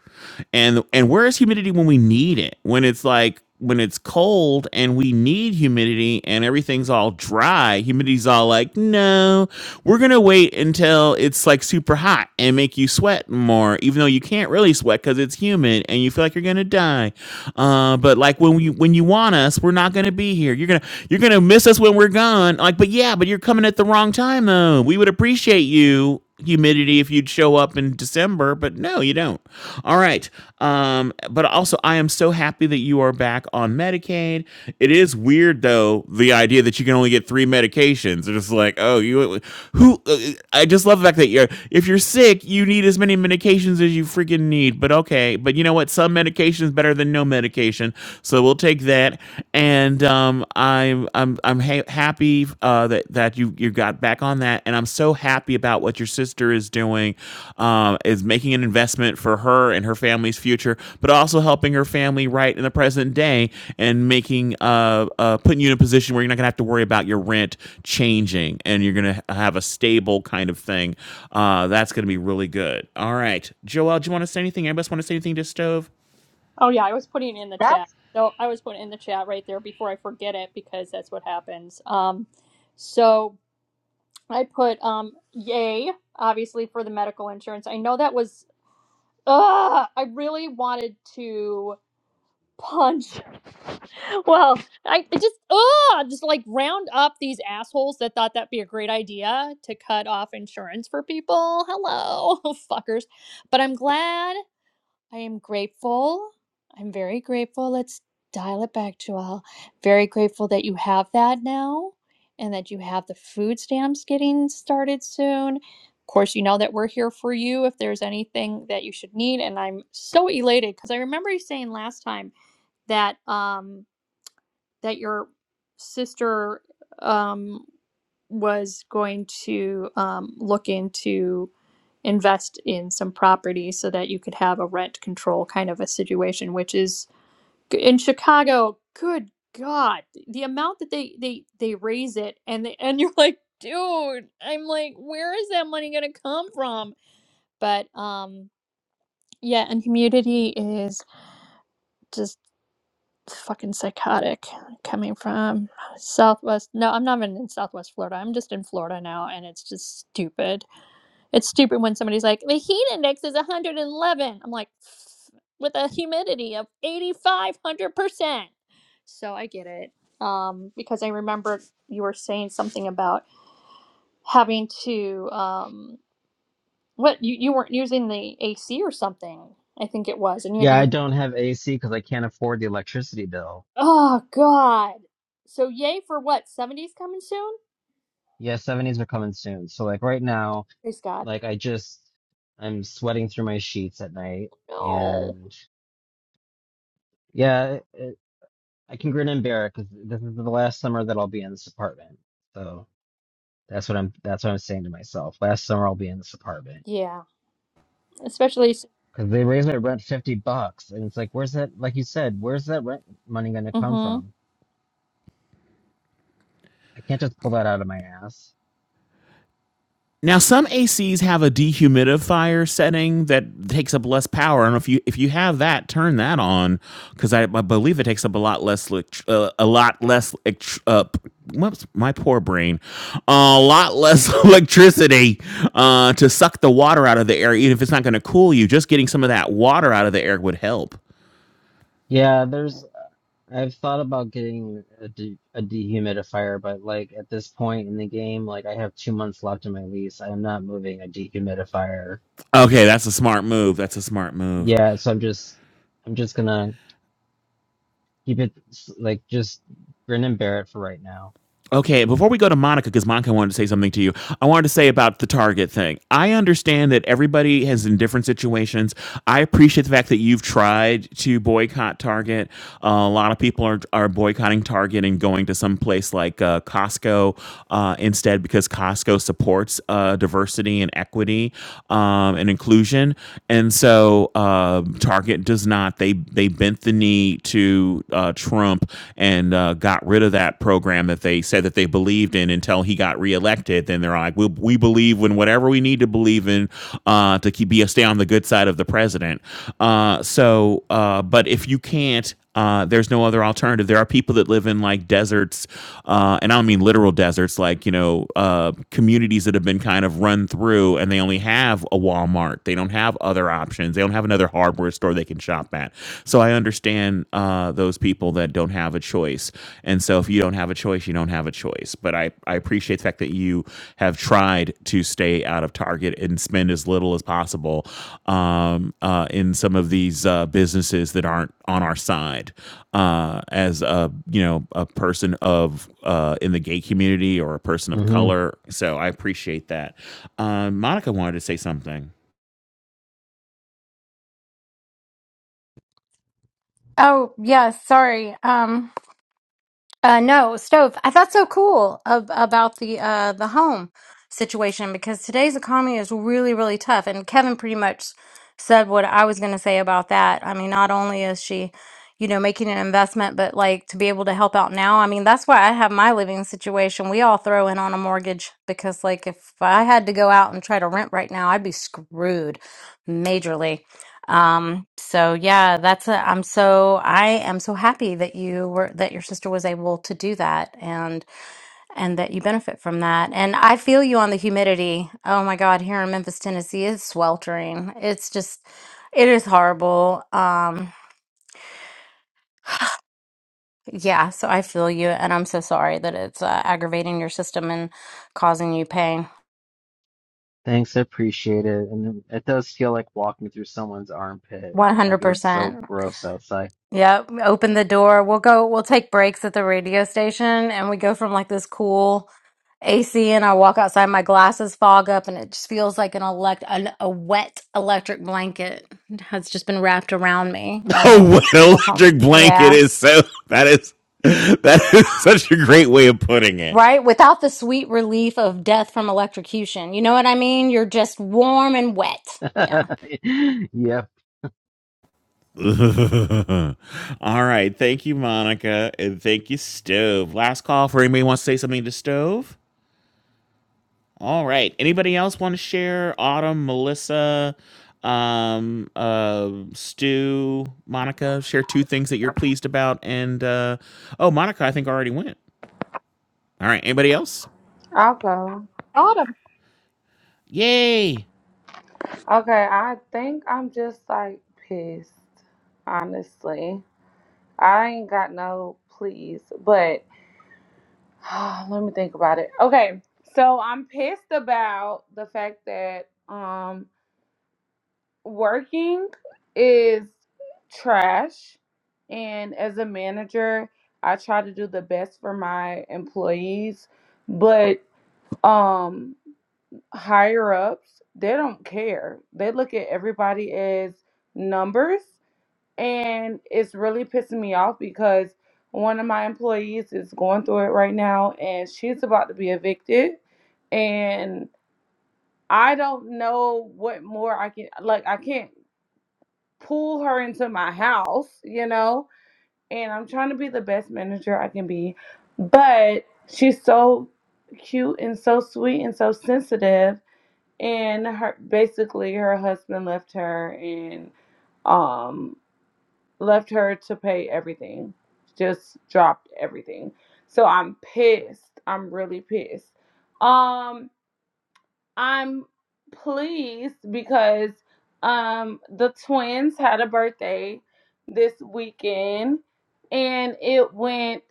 Speaker 4: and and where is humidity when we need it when it's like when it's cold and we need humidity and everything's all dry humidity's all like no we're gonna wait until it's like super hot and make you sweat more even though you can't really sweat because it's humid and you feel like you're gonna die uh, but like when you when you want us we're not gonna be here you're gonna you're gonna miss us when we're gone like but yeah but you're coming at the wrong time though we would appreciate you humidity if you'd show up in December, but no, you don't. All right. Um, but also, I am so happy that you are back on Medicaid. It is weird, though, the idea that you can only get three medications. It's just like, oh, you, who, Uh, I just love the fact that you're, if you're sick, you need as many medications as you freaking need. But okay. But you know what? Some medication is better than no medication. So we'll take that. And um, I'm, I'm I'm I'm ha- happy uh, that that you you got back on that, and I'm so happy about what your sister is doing, um, is making an investment for her and her family's future, but also helping her family right in the present day and making uh, uh putting you in a position where you're not gonna have to worry about your rent changing, and you're gonna have a stable kind of thing. Uh, that's gonna be really good. All right, Joel, do you want to say anything? Anybody else want to say anything to Stove?
Speaker 2: Oh yeah, I was putting it in the
Speaker 3: that's
Speaker 2: chat. So I was putting it in the chat right there before I forget it because that's what happens. Um, so I put um, yay obviously for the medical insurance. I know that was Ugh, I really wanted to punch. Well, I it just ugh, just like round up these assholes that thought that'd be a great idea to cut off insurance for people. Hello, fuckers. But I'm glad. I am grateful. I'm very grateful. Let's dial it back, Joelle. Very grateful that you have that now and that you have the food stamps getting started soon. Of course, you know that we're here for you if there's anything that you should need. And I'm so elated because I remember you saying last time that um that your sister um was going to um, look into invest in some property so that you could have a rent control kind of a situation which is in Chicago good god the amount that they they they raise it and they and you're like dude I'm like where is that money going to come from but um yeah and humidity is just fucking psychotic coming from southwest no I'm not even in southwest Florida I'm just in Florida now and it's just stupid It's stupid when somebody's like, the heat index is 111. I'm like, with a humidity of 8,500%. So I get it. Um, because I remember you were saying something about having to, um, what, you, you weren't using the AC or something, I think it was, and you had to
Speaker 1: Yeah,
Speaker 2: use,
Speaker 1: I don't have AC because I can't afford the electricity bill.
Speaker 2: oh, God. So yay for what? 70s coming soon?
Speaker 1: Yeah, 70s are coming soon. So like right now,
Speaker 2: Praise God.
Speaker 1: like I just I'm sweating through my sheets at night
Speaker 2: No.
Speaker 1: and. Yeah, it, I can grin and bear it because this is the last summer that I'll be in this apartment. So that's what I'm that's what I'm saying to myself. Last summer I'll be in this apartment
Speaker 2: Yeah. Especially,
Speaker 1: because they raised my rent fifty bucks, and it's like, where's that? Like you said, where's that rent money going to come
Speaker 2: mm-hmm.
Speaker 1: from? I can't just pull that out of my ass.
Speaker 4: Now, some ACs have a dehumidifier setting that takes up less power, and if you if you have that, turn that on because I, I believe it takes up a lot less elect- uh, a lot less elect- uh, whoops, my poor brain a lot less electricity uh, to suck the water out of the air. Even if it's not going to cool you, just getting some of that water out of the air would help.
Speaker 1: Yeah, there's. uh, I've thought about getting a, de a dehumidifier, but like at this point in the game, like I have two months left in my lease. I am not moving a dehumidifier.
Speaker 4: Okay, that's a smart move. That's a smart move.
Speaker 1: Yeah, so I'm just I'm just gonna. Keep it s- like just grin and bear it for right now.
Speaker 4: Okay, before we go to Monica, because Monica wanted to say something to you, I wanted to say about the Target thing. I understand that everybody is in different situations. I appreciate the fact that you've tried to boycott Target. Uh, a lot of people are, are boycotting Target and going to some place like uh, Costco uh, instead because Costco supports uh, diversity and equity um, and inclusion. And so uh, Target does not. They, they bent the knee to to uh, Trump and uh, got rid of that program that they said that they believed in until he got reelected. Then they're like, we, we believe in whatever we need to believe in uh, to keep, be stay on the good side of the president. Uh, so, uh, but if you can't, uh, there's no other alternative. There are people that live in like deserts, uh, and I don't mean literal deserts, like, you know, uh, communities that have been kind of run through and they only have a Walmart. They don't have other options options. They don't have another hardware store they can shop at. So I understand uh, those people that don't have a choice. And so if you don't have a choice, you don't have a choice. But I, I appreciate the fact that you have tried to stay out of Target and spend as little as possible um, uh, in some of these uh, businesses that aren't on our side. Uh, as a you know a person of uh, in the gay community or a person of
Speaker 1: hmm
Speaker 4: color, so I appreciate that. Um, Monica wanted to say something.
Speaker 7: Oh, yeah, sorry. Um, Uh, no, stove. I thought so cool ab- about the uh, the home situation because today's economy is really, really tough. And Kevin pretty much said what I was going to say about that. I mean, not only is she, you know, making an investment, but like to be able to help out now. I mean, that's why I have my living situation. We all throw in on a mortgage because, like, if I had to go out and try to rent right now, I'd be screwed majorly. Um, so yeah, that's a, I'm so I am so happy that you were that your sister was able to do that and and that you benefit from that. And I feel you on the humidity. Oh my God, here in Memphis, Tennessee, it's sweltering. It's just it is horrible. Um, yeah, so I feel you and I'm so sorry that it's uh, aggravating your system and causing you pain.
Speaker 1: Thanks, I appreciate it. And it does feel like walking through someone's armpit. Like it's so
Speaker 7: 100%.
Speaker 1: gross outside.
Speaker 7: Yeah, open the door. We'll go, we'll take breaks at the radio station and we go from like this cool AC and I walk outside, my glasses fog up and it just feels like an elect an, a wet electric blanket has just been wrapped around me and
Speaker 4: A
Speaker 7: we'll,
Speaker 4: wet
Speaker 7: we'll hum-
Speaker 4: electric blanket
Speaker 7: yeah.
Speaker 4: is so that is that is such a great way of putting it.
Speaker 7: Right? Without the sweet relief of death from electrocution. You know what I mean? You're just warm and wet. Yeah.
Speaker 1: Yep.
Speaker 4: All right, thank you, Monica, and thank you, Stove. Last call for anybody who wants to say something to Stove. All right, anybody else want to share? Autumn, Melissa, um, uh, Stu, Monica, share two things that you're pleased about, and uh, oh, Monica, I think already went. All right, anybody else?
Speaker 8: I'll go.
Speaker 2: Autumn.
Speaker 4: Yay!
Speaker 8: Okay, I think I'm just like pissed, honestly. I ain't got no pleas, but let me think about it. Okay, so I'm pissed about the fact that um working is trash and as a manager, I try to do the best for my employees, but um higher ups, they don't care. They look at everybody as numbers. And it's really pissing me off because one of my employees is going through it right now and she's about to be evicted. And I don't know what more I can, like, I can't pull her into my house, you know? And I'm trying to be the best manager I can be. But she's so cute and so sweet and so sensitive and her basically her husband left her and um left her to pay everything just dropped everything so i'm pissed i'm really pissed um i'm pleased because um the twins had a birthday this weekend and it went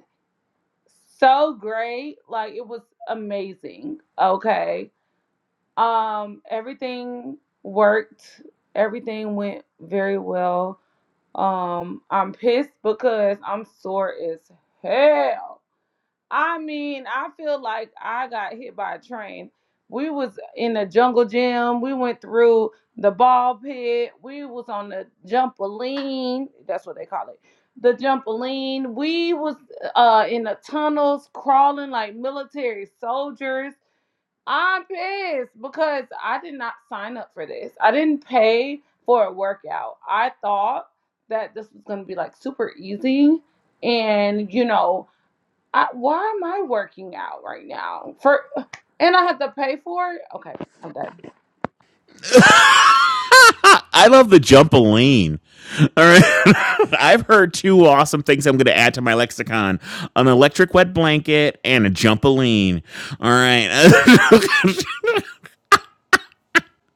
Speaker 8: so great like it was amazing okay um, everything worked. Everything went very well. Um, I'm pissed because I'm sore as hell. I mean, I feel like I got hit by a train. We was in the jungle gym. We went through the ball pit. We was on the jumpaline. That's what they call it. The jumpaline. We was uh in the tunnels crawling like military soldiers I'm pissed because I did not sign up for this. I didn't pay for a workout. I thought that this was going to be like super easy. And, you know, I, why am I working out right now? For and I have to pay for it? Okay, I'm done.
Speaker 4: I love the jumpaline. All right. I've heard two awesome things I'm going to add to my lexicon an electric wet blanket and a jumpaline. All right.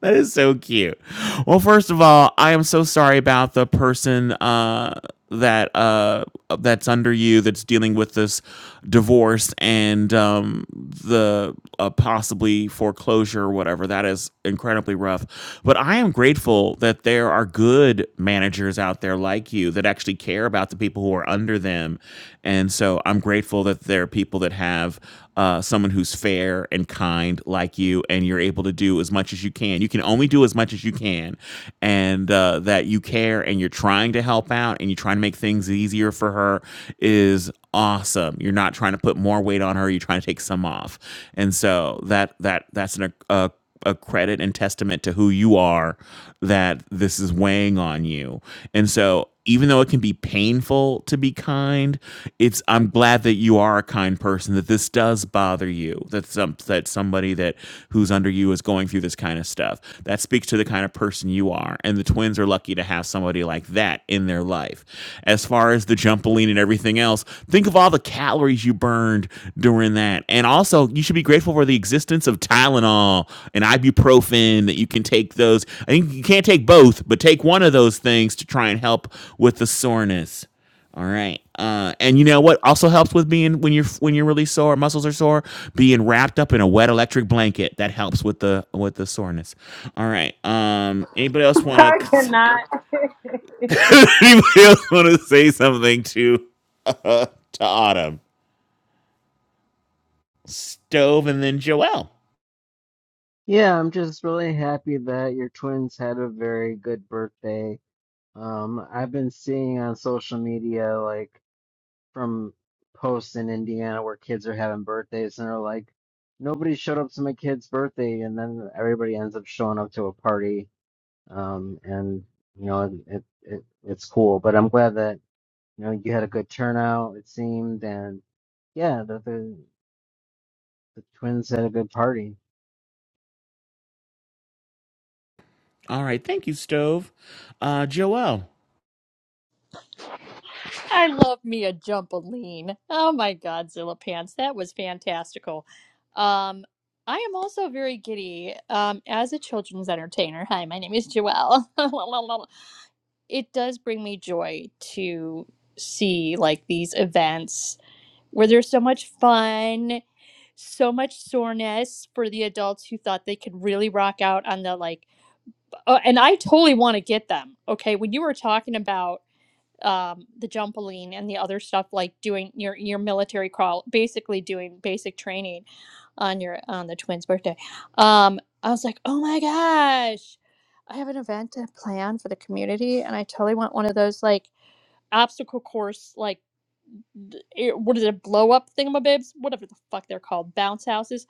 Speaker 4: That is so cute. Well, first of all, I am so sorry about the person uh, that uh, that's under you that's dealing with this divorce and um, the uh, possibly foreclosure or whatever. That is incredibly rough. But I am grateful that there are good managers out there like you that actually care about the people who are under them. And so I'm grateful that there are people that have uh, someone who's fair and kind like you, and you're able to do as much as you can. You can only do as much as you can, and uh, that you care and you're trying to help out and you're trying to make things easier for her is awesome. You're not trying to put more weight on her; you're trying to take some off, and so that that that's an uh, a credit and testament to who you are that this is weighing on you. And so even though it can be painful to be kind, it's I'm glad that you are a kind person that this does bother you. That some that somebody that who's under you is going through this kind of stuff. That speaks to the kind of person you are. And the twins are lucky to have somebody like that in their life. As far as the jumpaline and everything else, think of all the calories you burned during that. And also, you should be grateful for the existence of Tylenol and ibuprofen that you can take those. I think you can't take both, but take one of those things to try and help with the soreness. All right. Uh, and you know what also helps with being when you're when you're really sore, muscles are sore, being wrapped up in a wet electric blanket that helps with the with the soreness. All right. Um anybody else want
Speaker 8: I
Speaker 4: to
Speaker 8: cannot.
Speaker 4: anybody else want to say something to uh, to Autumn? Stove and then Joelle.
Speaker 1: Yeah, I'm just really happy that your twins had a very good birthday. Um, I've been seeing on social media like from posts in Indiana where kids are having birthdays and are like, nobody showed up to my kid's birthday, and then everybody ends up showing up to a party um, and you know it, it it's cool. But I'm glad that you know you had a good turnout. It seemed, and yeah, that the the twins had a good party.
Speaker 4: All right, thank you, Stove. Uh, Joelle.
Speaker 2: I love me a jumpaline. Oh my God, Zilla Pants, that was fantastical. Um, I am also very giddy um, as a children's entertainer. Hi, my name is Joelle. it does bring me joy to see like these events where there's so much fun, so much soreness for the adults who thought they could really rock out on the like. Oh, and I totally want to get them. Okay, when you were talking about um, the jumpaline and the other stuff like doing your your military crawl, basically doing basic training on your on the twins' birthday. Um, I was like, oh my gosh, I have an event to plan for the community, and I totally want one of those like obstacle course like th- it- what is it, blow up thingamabibs, whatever the fuck they're called, bounce houses.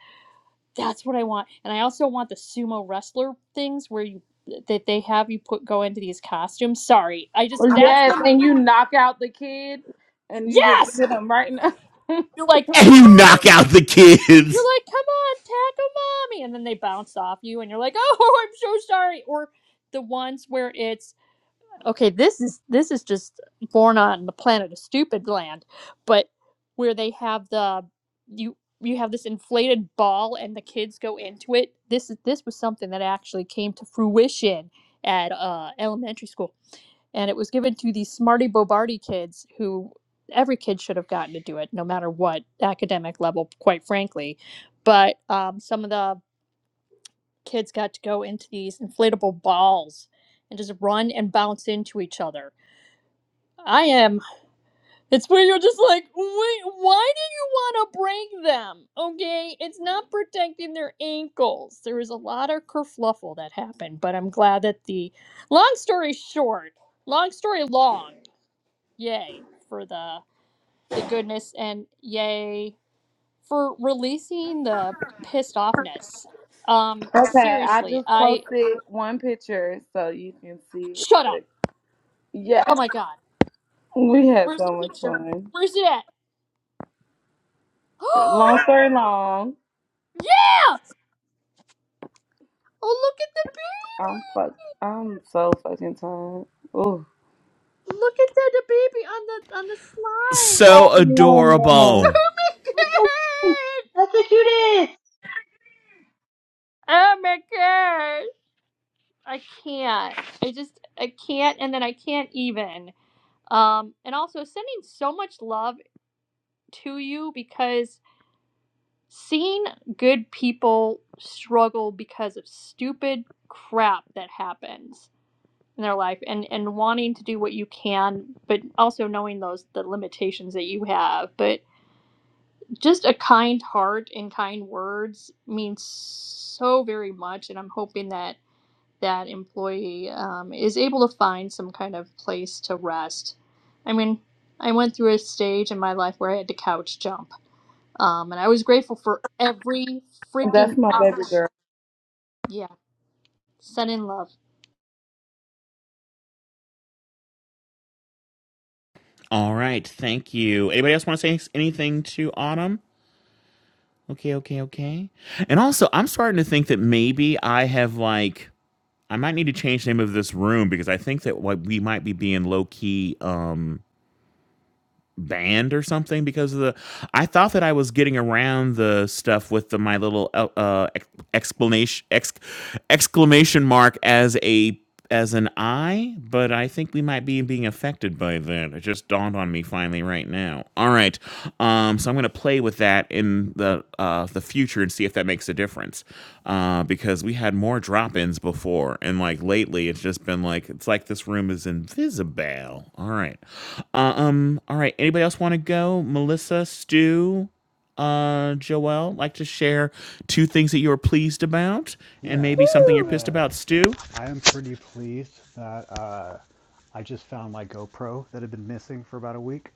Speaker 2: That's what I want, and I also want the sumo wrestler things where you that they have you put go into these costumes. Sorry, I just that's
Speaker 8: Yes,
Speaker 2: where my
Speaker 8: and you knock out the kid and you just
Speaker 2: yes
Speaker 8: hit him right now.
Speaker 2: You're like,
Speaker 4: And
Speaker 2: come
Speaker 4: you
Speaker 2: on.
Speaker 4: knock out the
Speaker 2: You're
Speaker 4: kids.
Speaker 2: like, come on, tackle mommy. And then they bounce off you and you're like, oh, I'm so sorry. Or the ones where it's, okay, this is, this is just born on the planet of stupid land, but where they have the, you, you have this inflated ball and the kids go into it. This is, this was something that actually came to fruition at uh, elementary school and it was given to the Smarty Bobardi kids who every kid should have gotten to do it no matter what academic level quite frankly but um, some of the kids got to go into these inflatable balls and just run and bounce into each other i am it's where you're just like wait why do you want to break them okay it's not protecting their ankles there was a lot of kerfluffle that happened but i'm glad that the long story short long story long yay for the the goodness and yay for releasing the pissed offness. Um,
Speaker 8: Okay, I
Speaker 2: seriously,
Speaker 8: just
Speaker 2: I
Speaker 8: posted one picture so you can see real
Speaker 2: shut up.
Speaker 8: quick.
Speaker 2: Oh
Speaker 8: Yes,
Speaker 2: my god,
Speaker 8: we had
Speaker 2: where's the
Speaker 8: so much
Speaker 2: picture?
Speaker 8: fun.
Speaker 2: Where's it at?
Speaker 8: Long
Speaker 2: Oh
Speaker 8: story long,
Speaker 2: yeah! Oh look at the
Speaker 8: I'm
Speaker 2: baby!
Speaker 8: fuck. I'm so fucking tired. Ooh,
Speaker 2: Look at the, the baby on the on the slide.
Speaker 4: So
Speaker 3: all
Speaker 4: adorable.
Speaker 3: that's the cutest.
Speaker 2: Oh my god! Oh my god! I can't. I just I can't, and then I can't even. Um, and also sending so much love to you because seeing good people struggle because of stupid crap that happens in their life and and wanting to do what you can but also knowing those the limitations that you have but just a kind heart and kind words means so very much and i'm hoping that that employee um, is able to find some kind of place to rest i mean i went through a stage in my life where i had to couch jump um, and I was grateful for every freaking
Speaker 8: that's my baby
Speaker 2: touch.
Speaker 8: girl.
Speaker 2: Yeah, send in love.
Speaker 4: All right, thank you. Anybody else want to say anything to Autumn? Okay, okay, okay. And also, I'm starting to think that maybe I have like I might need to change the name of this room because I think that what we might be being low key. Um, banned or something because of the I thought that I was getting around the stuff with the my little uh uh, ex- explanation ex, exclamation mark as a as an I, but I think we might be being affected by that. It just dawned on me finally right now. All right. Um, so I'm going to play with that in the uh, the future and see if that makes a difference. Uh, because we had more drop-ins before, and like lately, it's just been like it's like this room is invisible. All right, uh, um, all right. Anybody else want to go? Melissa, Stu, uh, Joelle, like to share two things that you were pleased about, and
Speaker 9: Yeah,
Speaker 4: maybe
Speaker 9: uh,
Speaker 4: something you're
Speaker 2: Woo!
Speaker 4: pissed
Speaker 9: uh,
Speaker 4: about, Stu.
Speaker 9: I am pretty pleased that uh, I just found my GoPro that had been missing for about a week.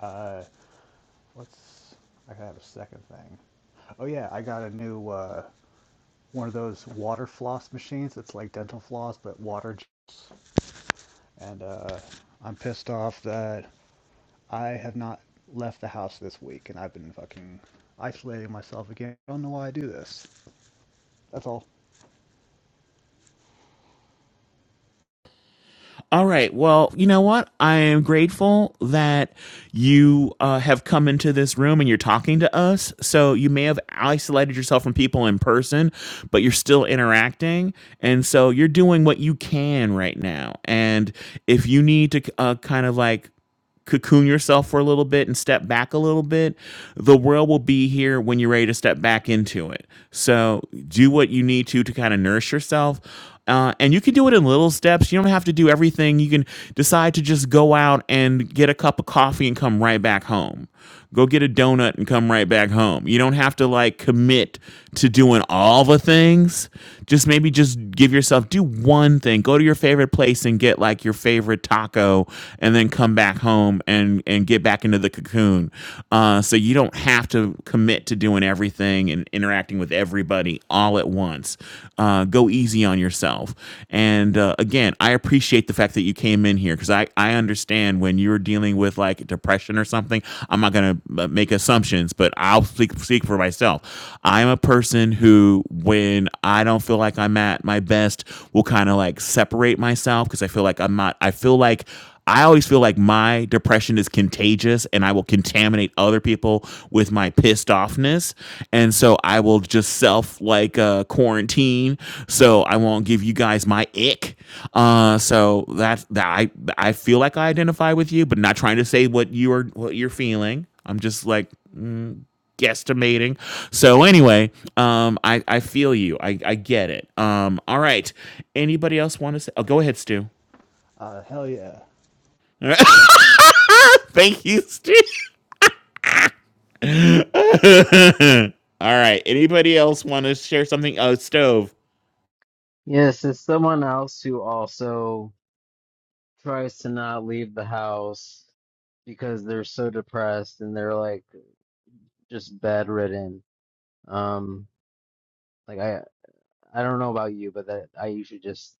Speaker 9: Uh, let's. I gotta have a second thing. Oh yeah, I got a new uh, one of those water floss machines. It's like dental floss, but water. jets. And uh, I'm pissed off that I have not left the house this week, and I've been fucking isolating myself again. I don't know why I do this. That's all.
Speaker 4: All right. Well, you know what? I am grateful that you uh, have come into this room and you're talking to us. So you may have isolated yourself from people in person, but you're still interacting. And so you're doing what you can right now. And if you need to uh, kind of like cocoon yourself for a little bit and step back a little bit, the world will be here when you're ready to step back into it. So do what you need to to kind of nourish yourself. Uh, and you can do it in little steps. You don't have to do everything. You can decide to just go out and get a cup of coffee and come right back home. Go get a donut and come right back home. You don't have to like commit to doing all the things. Just maybe just give yourself do one thing. Go to your favorite place and get like your favorite taco and then come back home and and get back into the cocoon. Uh, so you don't have to commit to doing everything and interacting with everybody all at once. Uh, go easy on yourself. and. And uh, again, I appreciate the fact that you came in here because I, I understand when you're dealing with like depression or something. I'm not going to make assumptions, but I'll speak, speak for myself. I'm a person who, when I don't feel like I'm at my best, will kind of like separate myself because I feel like I'm not, I feel like I always feel like my depression is contagious and I will contaminate other people with my pissed offness. And so I will just self like uh, quarantine. So I won't give you guys my ick. Uh, so that's that I I feel like I identify with you, but not trying to say what you are what you're feeling. I'm just like mm, guesstimating. So anyway, um, I I feel you. I I get it. Um, all right. Anybody else want to say? Oh, go ahead, Stu.
Speaker 9: Uh, hell yeah.
Speaker 4: All right. Thank you, Steve. All right. Anybody else want to share something? Oh, stove.
Speaker 1: Yes, it's someone else who also tries to not leave the house because they're so depressed and they're like just bedridden. Um, like I I don't know about you, but that I usually just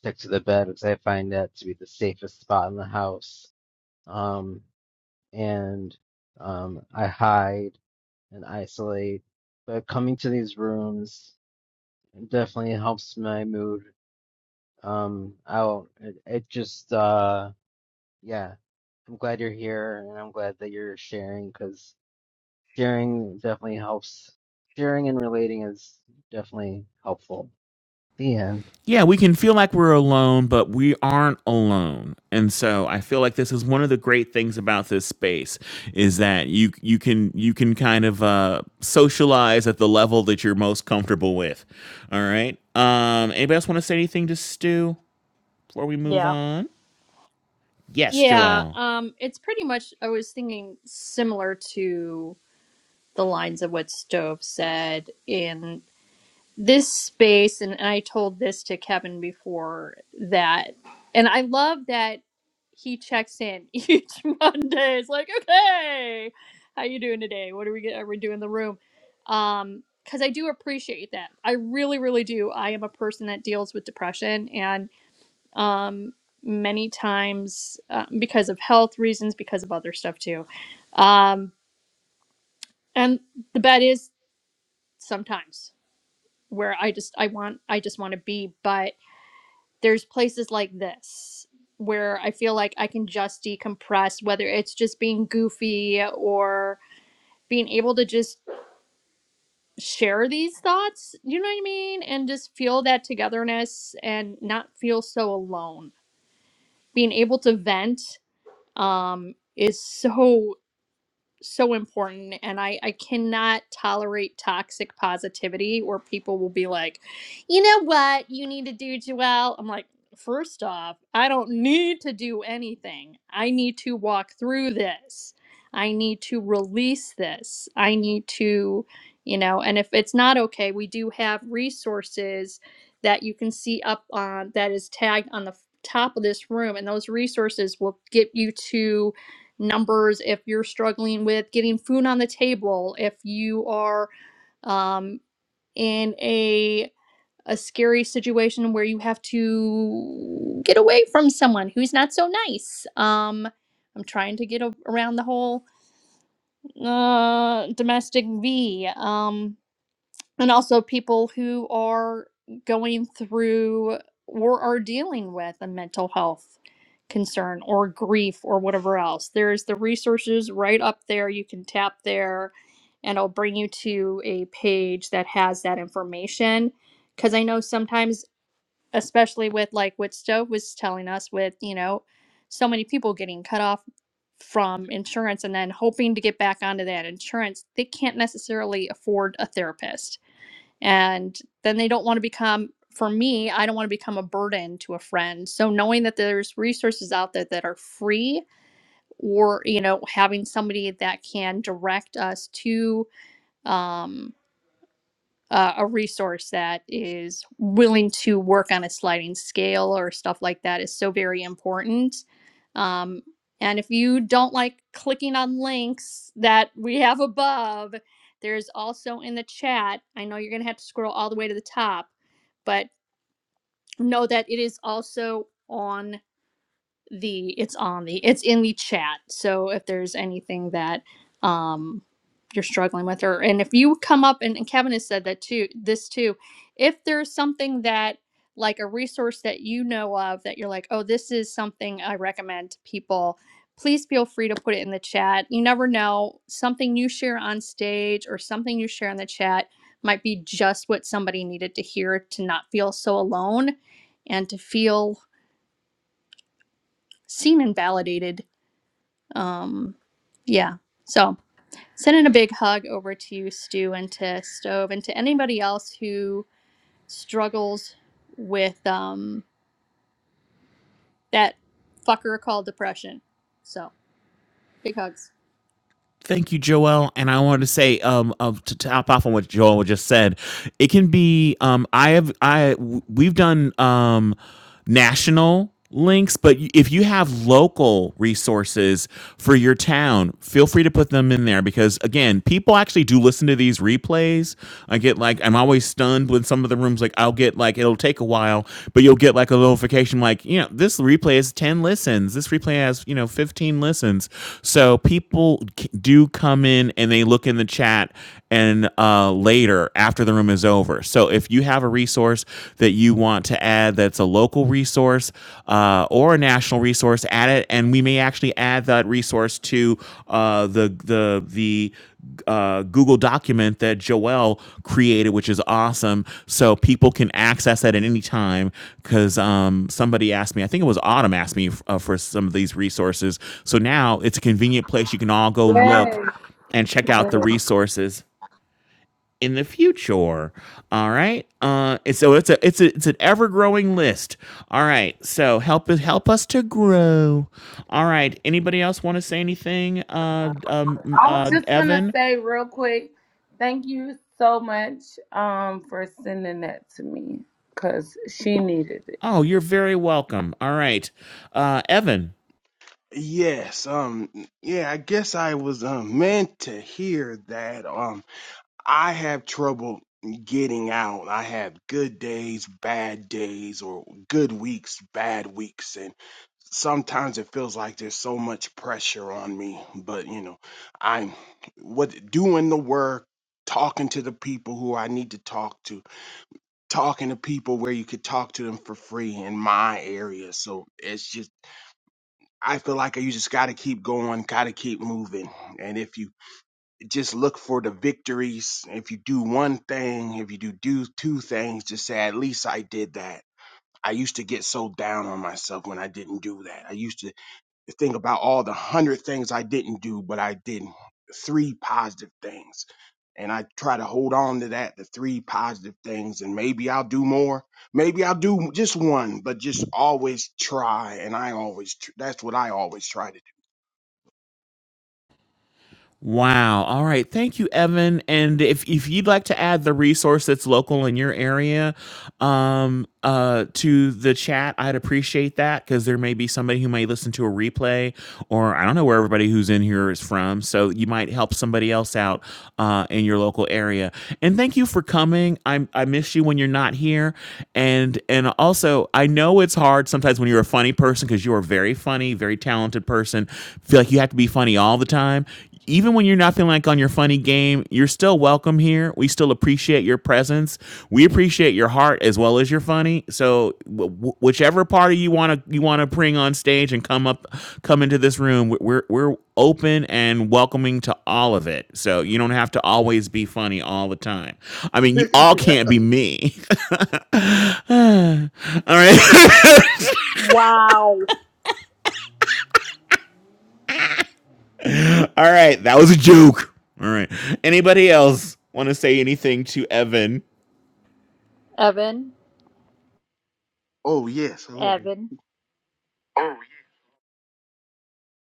Speaker 1: stick to the bed because I find that to be the safest spot in the house. Um, and um, I hide and isolate. But coming to these rooms definitely helps my mood um, out. It, it just, uh, yeah, I'm glad you're here and I'm glad that you're sharing because sharing definitely helps. Sharing and relating is definitely helpful. The end.
Speaker 4: Yeah, we can feel like we're alone, but we aren't alone. And so I feel like this is one of the great things about this space is that you you can you can kind of uh, socialize at the level that you're most comfortable with. All right. Um. Anybody else want to say anything to Stu before we move
Speaker 2: Yeah.
Speaker 4: on? Yes,
Speaker 2: Yeah.
Speaker 4: Joelle.
Speaker 2: Um, it's pretty much, I was thinking similar to the lines of what Stove said in this space and I told this to Kevin before that and I love that he checks in each Monday. It's like, "Okay, how you doing today? What are we get- are we doing in the room?" Um cuz I do appreciate that. I really really do. I am a person that deals with depression and um many times uh, because of health reasons, because of other stuff too. Um and the bet is sometimes where I just I want I just want to be. But there's places like this where I feel like I can just decompress, whether it's just being goofy or being able to just share these thoughts, you know what I mean? And just feel that togetherness and not feel so alone. Being able to vent um, is so so important and I, I cannot tolerate toxic positivity where people will be like, you know what you need to do, Joelle? I'm like, first off, I don't need to do anything. I need to walk through this. I need to release this. I need to, you know, and if it's not okay, we do have resources that you can see up on that is tagged on the f- top of this room and those resources will get you to numbers, if you're struggling with getting food on the table, if you are um, in a a scary situation where you have to get away from someone who's not so nice. Um, I'm trying to get a- around the whole uh, domestic V. Um, and also people who are going through or are dealing with a mental health concern or grief or whatever else. There's the resources right up there. You can tap there and it'll bring you to a page that has that information. Because I know sometimes, especially with like what Stove was telling us, with, you know, so many people getting cut off from insurance and then hoping to get back onto that insurance, they can't necessarily afford a therapist and then they don't want to become for me i don't want to become a burden to a friend so knowing that there's resources out there that are free or you know having somebody that can direct us to um, uh, a resource that is willing to work on a sliding scale or stuff like that is so very important. Um, and if you don't like clicking on links that we have above, there's also in the chat. I know you're going to have to scroll all the way to the top, but know that it is also on the it's on the it's in the chat so if there's anything that um you're struggling with or and if you come up and, and kevin has said that too this too if there's something that like a resource that you know of that you're like oh this is something i recommend to people please feel free to put it in the chat you never know something you share on stage or something you share in the chat might be just what somebody needed to hear to not feel so alone and to feel seen and validated um, yeah. So sending a big hug over to you, Stu, and to Stove, and to anybody else who struggles with um, that fucker called depression. So big hugs.
Speaker 4: Thank you, Joel. And I wanted to say, um, of to top off on what Joel just said, it can be, um, I have, I, w- we've done, um, national links, but y- if you have local resources for your town, feel free to put them in there because again, people actually do listen to these replays. I get like, I'm always stunned when some of the rooms rooms, like I'll get like it'll take a while, but you'll get like a notification, like you know this replay has ten listens, this replay has you know fifteen listens. So people do come in and they look in the chat and uh, later after the room is over. So if you have a resource that you want to add, that's a local resource uh, or a national resource, add it, and we may actually add that resource to uh, the the the uh, Google document that Joelle created, which is awesome. So people can access that at any time. Because um, somebody asked me, I think it was Autumn asked me uh, for some of these resources. So now it's a convenient place you can all go look
Speaker 8: Yes.
Speaker 4: and check out the
Speaker 8: Yes.
Speaker 4: resources in the future. All right. Uh, and so it's a it's a it's an ever growing list. All right. So help us help us to grow. All right. Anybody else want to say anything? Uh, um,
Speaker 8: I was
Speaker 4: uh,
Speaker 8: just gonna
Speaker 4: Evan,
Speaker 8: say real quick, thank you so much um for sending that to me because she needed it.
Speaker 4: Oh, you're very welcome. All right. Uh, Evan,
Speaker 10: Yes, um, yeah, I guess I was um, meant to hear that. Um, I have trouble getting out. I have good days, bad days, or good weeks, bad weeks, and sometimes it feels like there's so much pressure on me. But you know, I'm what doing the work, talking to the people who I need to talk to, talking to people where you could talk to them for free in my area. So it's just I feel like you just got to keep going, got to keep moving. And if you just look for the victories, if you do one thing, if you do, do two things, just say, at least I did that. I used to get so down on myself when I didn't do that. I used to think about all the hundred things I didn't do, but I did three positive things. And I try to hold on to that, the three positive things, and maybe I'll do more. Maybe I'll do just one, but just always try. And I always, tr- that's what I always try to
Speaker 4: Wow. All right. Thank you, Evan. And if, if you'd like to add the resource that's local in your area um, uh, to the chat, I'd appreciate that because there may be somebody who may listen to a replay or I don't know where everybody who's in here is from. So you might help somebody else out uh, in your local area. And thank you for coming. I, I miss you when you're not here. And, and also, I know it's hard sometimes when you're a funny person because you are a very funny, very talented person. Feel like you have to be funny all the time even when you're not feeling like on your funny game, you're still welcome here. We still appreciate your presence. We appreciate your heart as well as your funny. So w- w- whichever party you want to you want to bring on stage and come up come into this room, we- we're we're open and welcoming to all of it. So you don't have to always be funny all the time. I mean, you all can't be me. all right.
Speaker 2: Wow.
Speaker 4: all right, that was a joke. All right. Anybody else want to say anything to Evan?
Speaker 2: Evan,
Speaker 10: Oh yes, hello.
Speaker 2: Evan,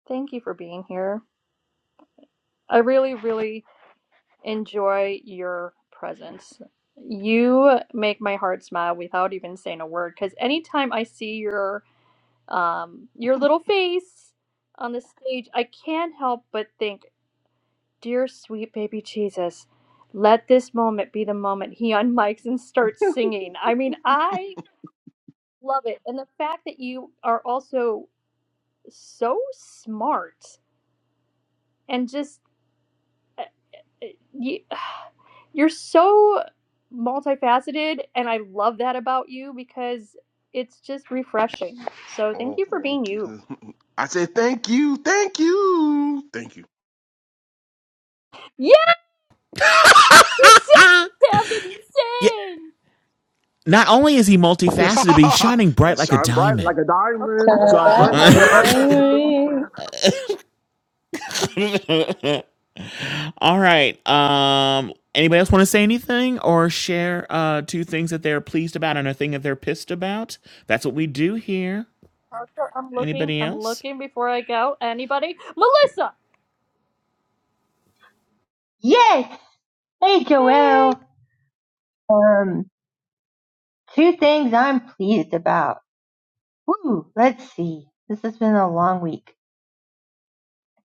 Speaker 2: thank you for being here. I really, really enjoy your presence. You make my heart smile without even saying a word because anytime I see your um, your little face on the stage, I can't help but think, dear sweet baby Jesus, let this moment be the moment he unmikes and starts singing. I mean, I love it. And the fact that you are also so smart and just, uh, uh, you, you're so multifaceted. And I love that about you because it's just refreshing. So thank
Speaker 10: Oh,
Speaker 2: you for
Speaker 10: thank
Speaker 2: being you.
Speaker 10: you. I said thank you, thank you, thank you.
Speaker 2: Yes, he sang, Kevin, he
Speaker 4: Yeah,
Speaker 2: sang.
Speaker 4: Not only is he multifaceted, but he's shining bright like a
Speaker 10: Shine bright
Speaker 4: diamond.
Speaker 10: like a
Speaker 2: Okay,
Speaker 10: diamond.
Speaker 8: Turn
Speaker 10: Shine
Speaker 2: Donna,
Speaker 8: back
Speaker 10: bright like
Speaker 8: like
Speaker 2: calm
Speaker 8: a
Speaker 2: down.
Speaker 10: a
Speaker 8: diamond.
Speaker 4: All right. Um. Anybody else want to say anything or share uh, two things that they're pleased about and a thing that they're pissed about? That's what we do here.
Speaker 2: Parker, I'm looking.
Speaker 4: Anybody
Speaker 2: I'm
Speaker 4: else?
Speaker 2: looking before I go. Anybody? Melissa!
Speaker 3: Yes. Hey
Speaker 2: Hey!
Speaker 3: Joelle. Um two things I'm pleased about. Woo, let's see. This has been a long week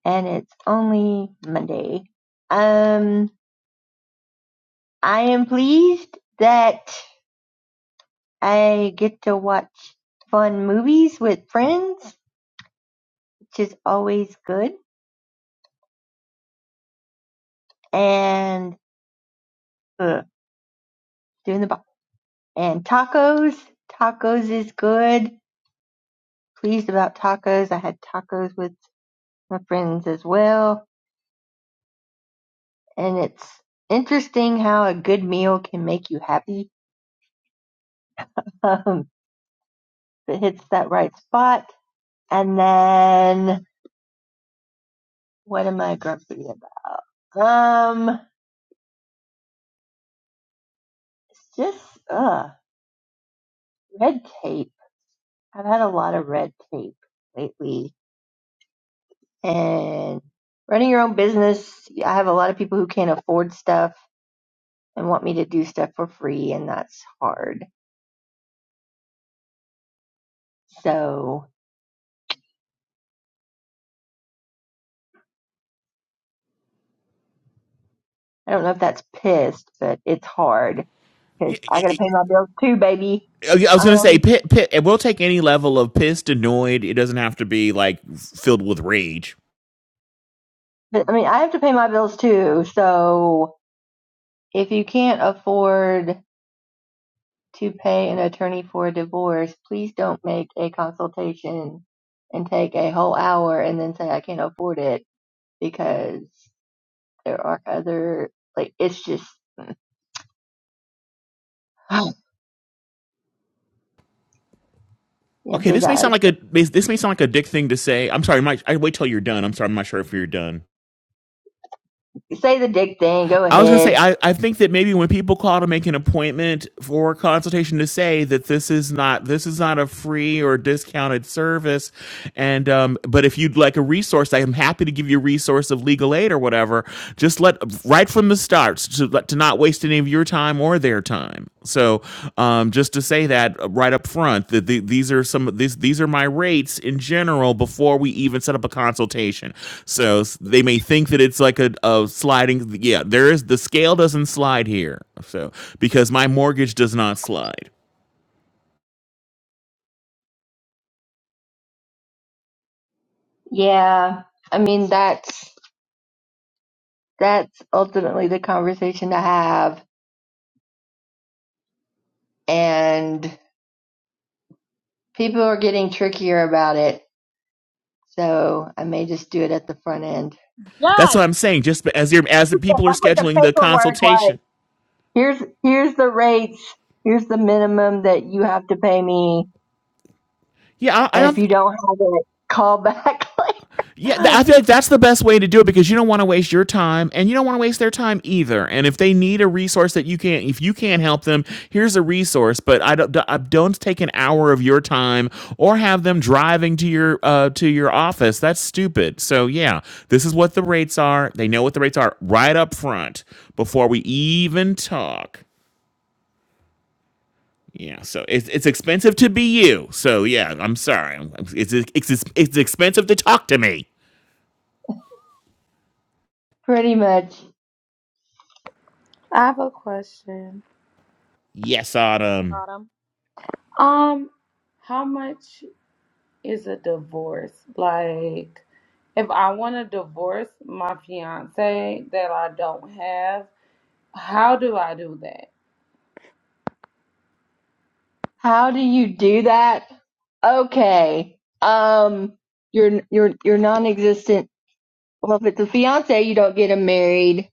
Speaker 3: and it's only Monday. Um I am pleased that I get to watch fun movies with friends, which is always good and uh, doing the bo- and tacos. Tacos is good. Pleased about tacos. I had tacos with my friends as well, and it's interesting how a good meal can make you happy um, if it hits that right spot. And then what am I grumpy about? Um, it's just uh, red tape. I've had a lot of red tape lately and running your own business i have a lot of people who can't afford stuff and want me to do stuff for free and that's hard so i don't know if that's pissed but it's hard because
Speaker 4: Y-
Speaker 3: i
Speaker 4: y-
Speaker 3: gotta pay
Speaker 4: y-
Speaker 3: my bills too baby
Speaker 4: I was going to
Speaker 3: um
Speaker 4: say, pit, pit, and we'll take any level of pissed, annoyed. It doesn't have to be like filled with rage.
Speaker 3: but i mean i have to pay my bills too so if you can't afford to pay an attorney for a divorce please don't make a consultation and take a whole hour and then say i can't afford it because There are other, like, it's just, yeah,
Speaker 4: Okay,
Speaker 3: big
Speaker 4: this may
Speaker 3: eyes.
Speaker 4: sound like a this may sound like a dick thing to say. I'm sorry, Mike. I wait till you're done. I'm sorry, I'm not sure if you're done.
Speaker 3: Say the dick thing. Go
Speaker 4: I was gonna say
Speaker 3: ahead.
Speaker 4: I, I think that maybe when people call to make an appointment for consultation to say that this is not this is not a free or discounted service, and um, but if you'd like a resource, I am happy to give you a resource of legal aid or whatever. Just let right from the start to to not waste any of your time more their time. So, um, just to say that uh, right up front, that the, these are some these these are my rates in general before we even set up a consultation. So they may think that it's like a, a sliding. Yeah, there is the scale doesn't slide here. So because my mortgage does not slide.
Speaker 3: Yeah. I mean, that's, that's ultimately the conversation to have. And people are getting trickier about it. So I may just do it at the front end.
Speaker 4: That's what
Speaker 2: Yes!
Speaker 4: I'm saying. Just as you're as the people are
Speaker 3: Like with the
Speaker 4: scheduling the
Speaker 3: paperwork, like
Speaker 4: consultation.
Speaker 3: here's, here's the rates. Here's the minimum that you have to pay me.
Speaker 4: Yeah, I, I
Speaker 3: And if
Speaker 4: don't.
Speaker 3: you don't have it, call back
Speaker 4: Yeah,
Speaker 3: later.
Speaker 4: I feel like that's the best way to do it because you don't want to waste your time and you don't want to waste their time either. And if they need a resource that you can't, if you can't help them, here's a resource. But I don't, I don't take an hour of your time or have them driving to your uh, to your office. That's stupid. So yeah, this is what the rates are. They know what the rates are right up front before we even talk. Yeah, so it's it's expensive to be you. So yeah, I'm sorry. It's it's it's, it's expensive to talk to me.
Speaker 3: Pretty much.
Speaker 8: I have a question.
Speaker 4: Yes, Autumn.
Speaker 2: Got him.
Speaker 8: Um, how much is a divorce? Like, if I want to divorce my fiance that I don't have. How do I do that?
Speaker 3: How do you do that? Okay. Um, your your your non-existent. Well, if it's a fiance, you don't get him married.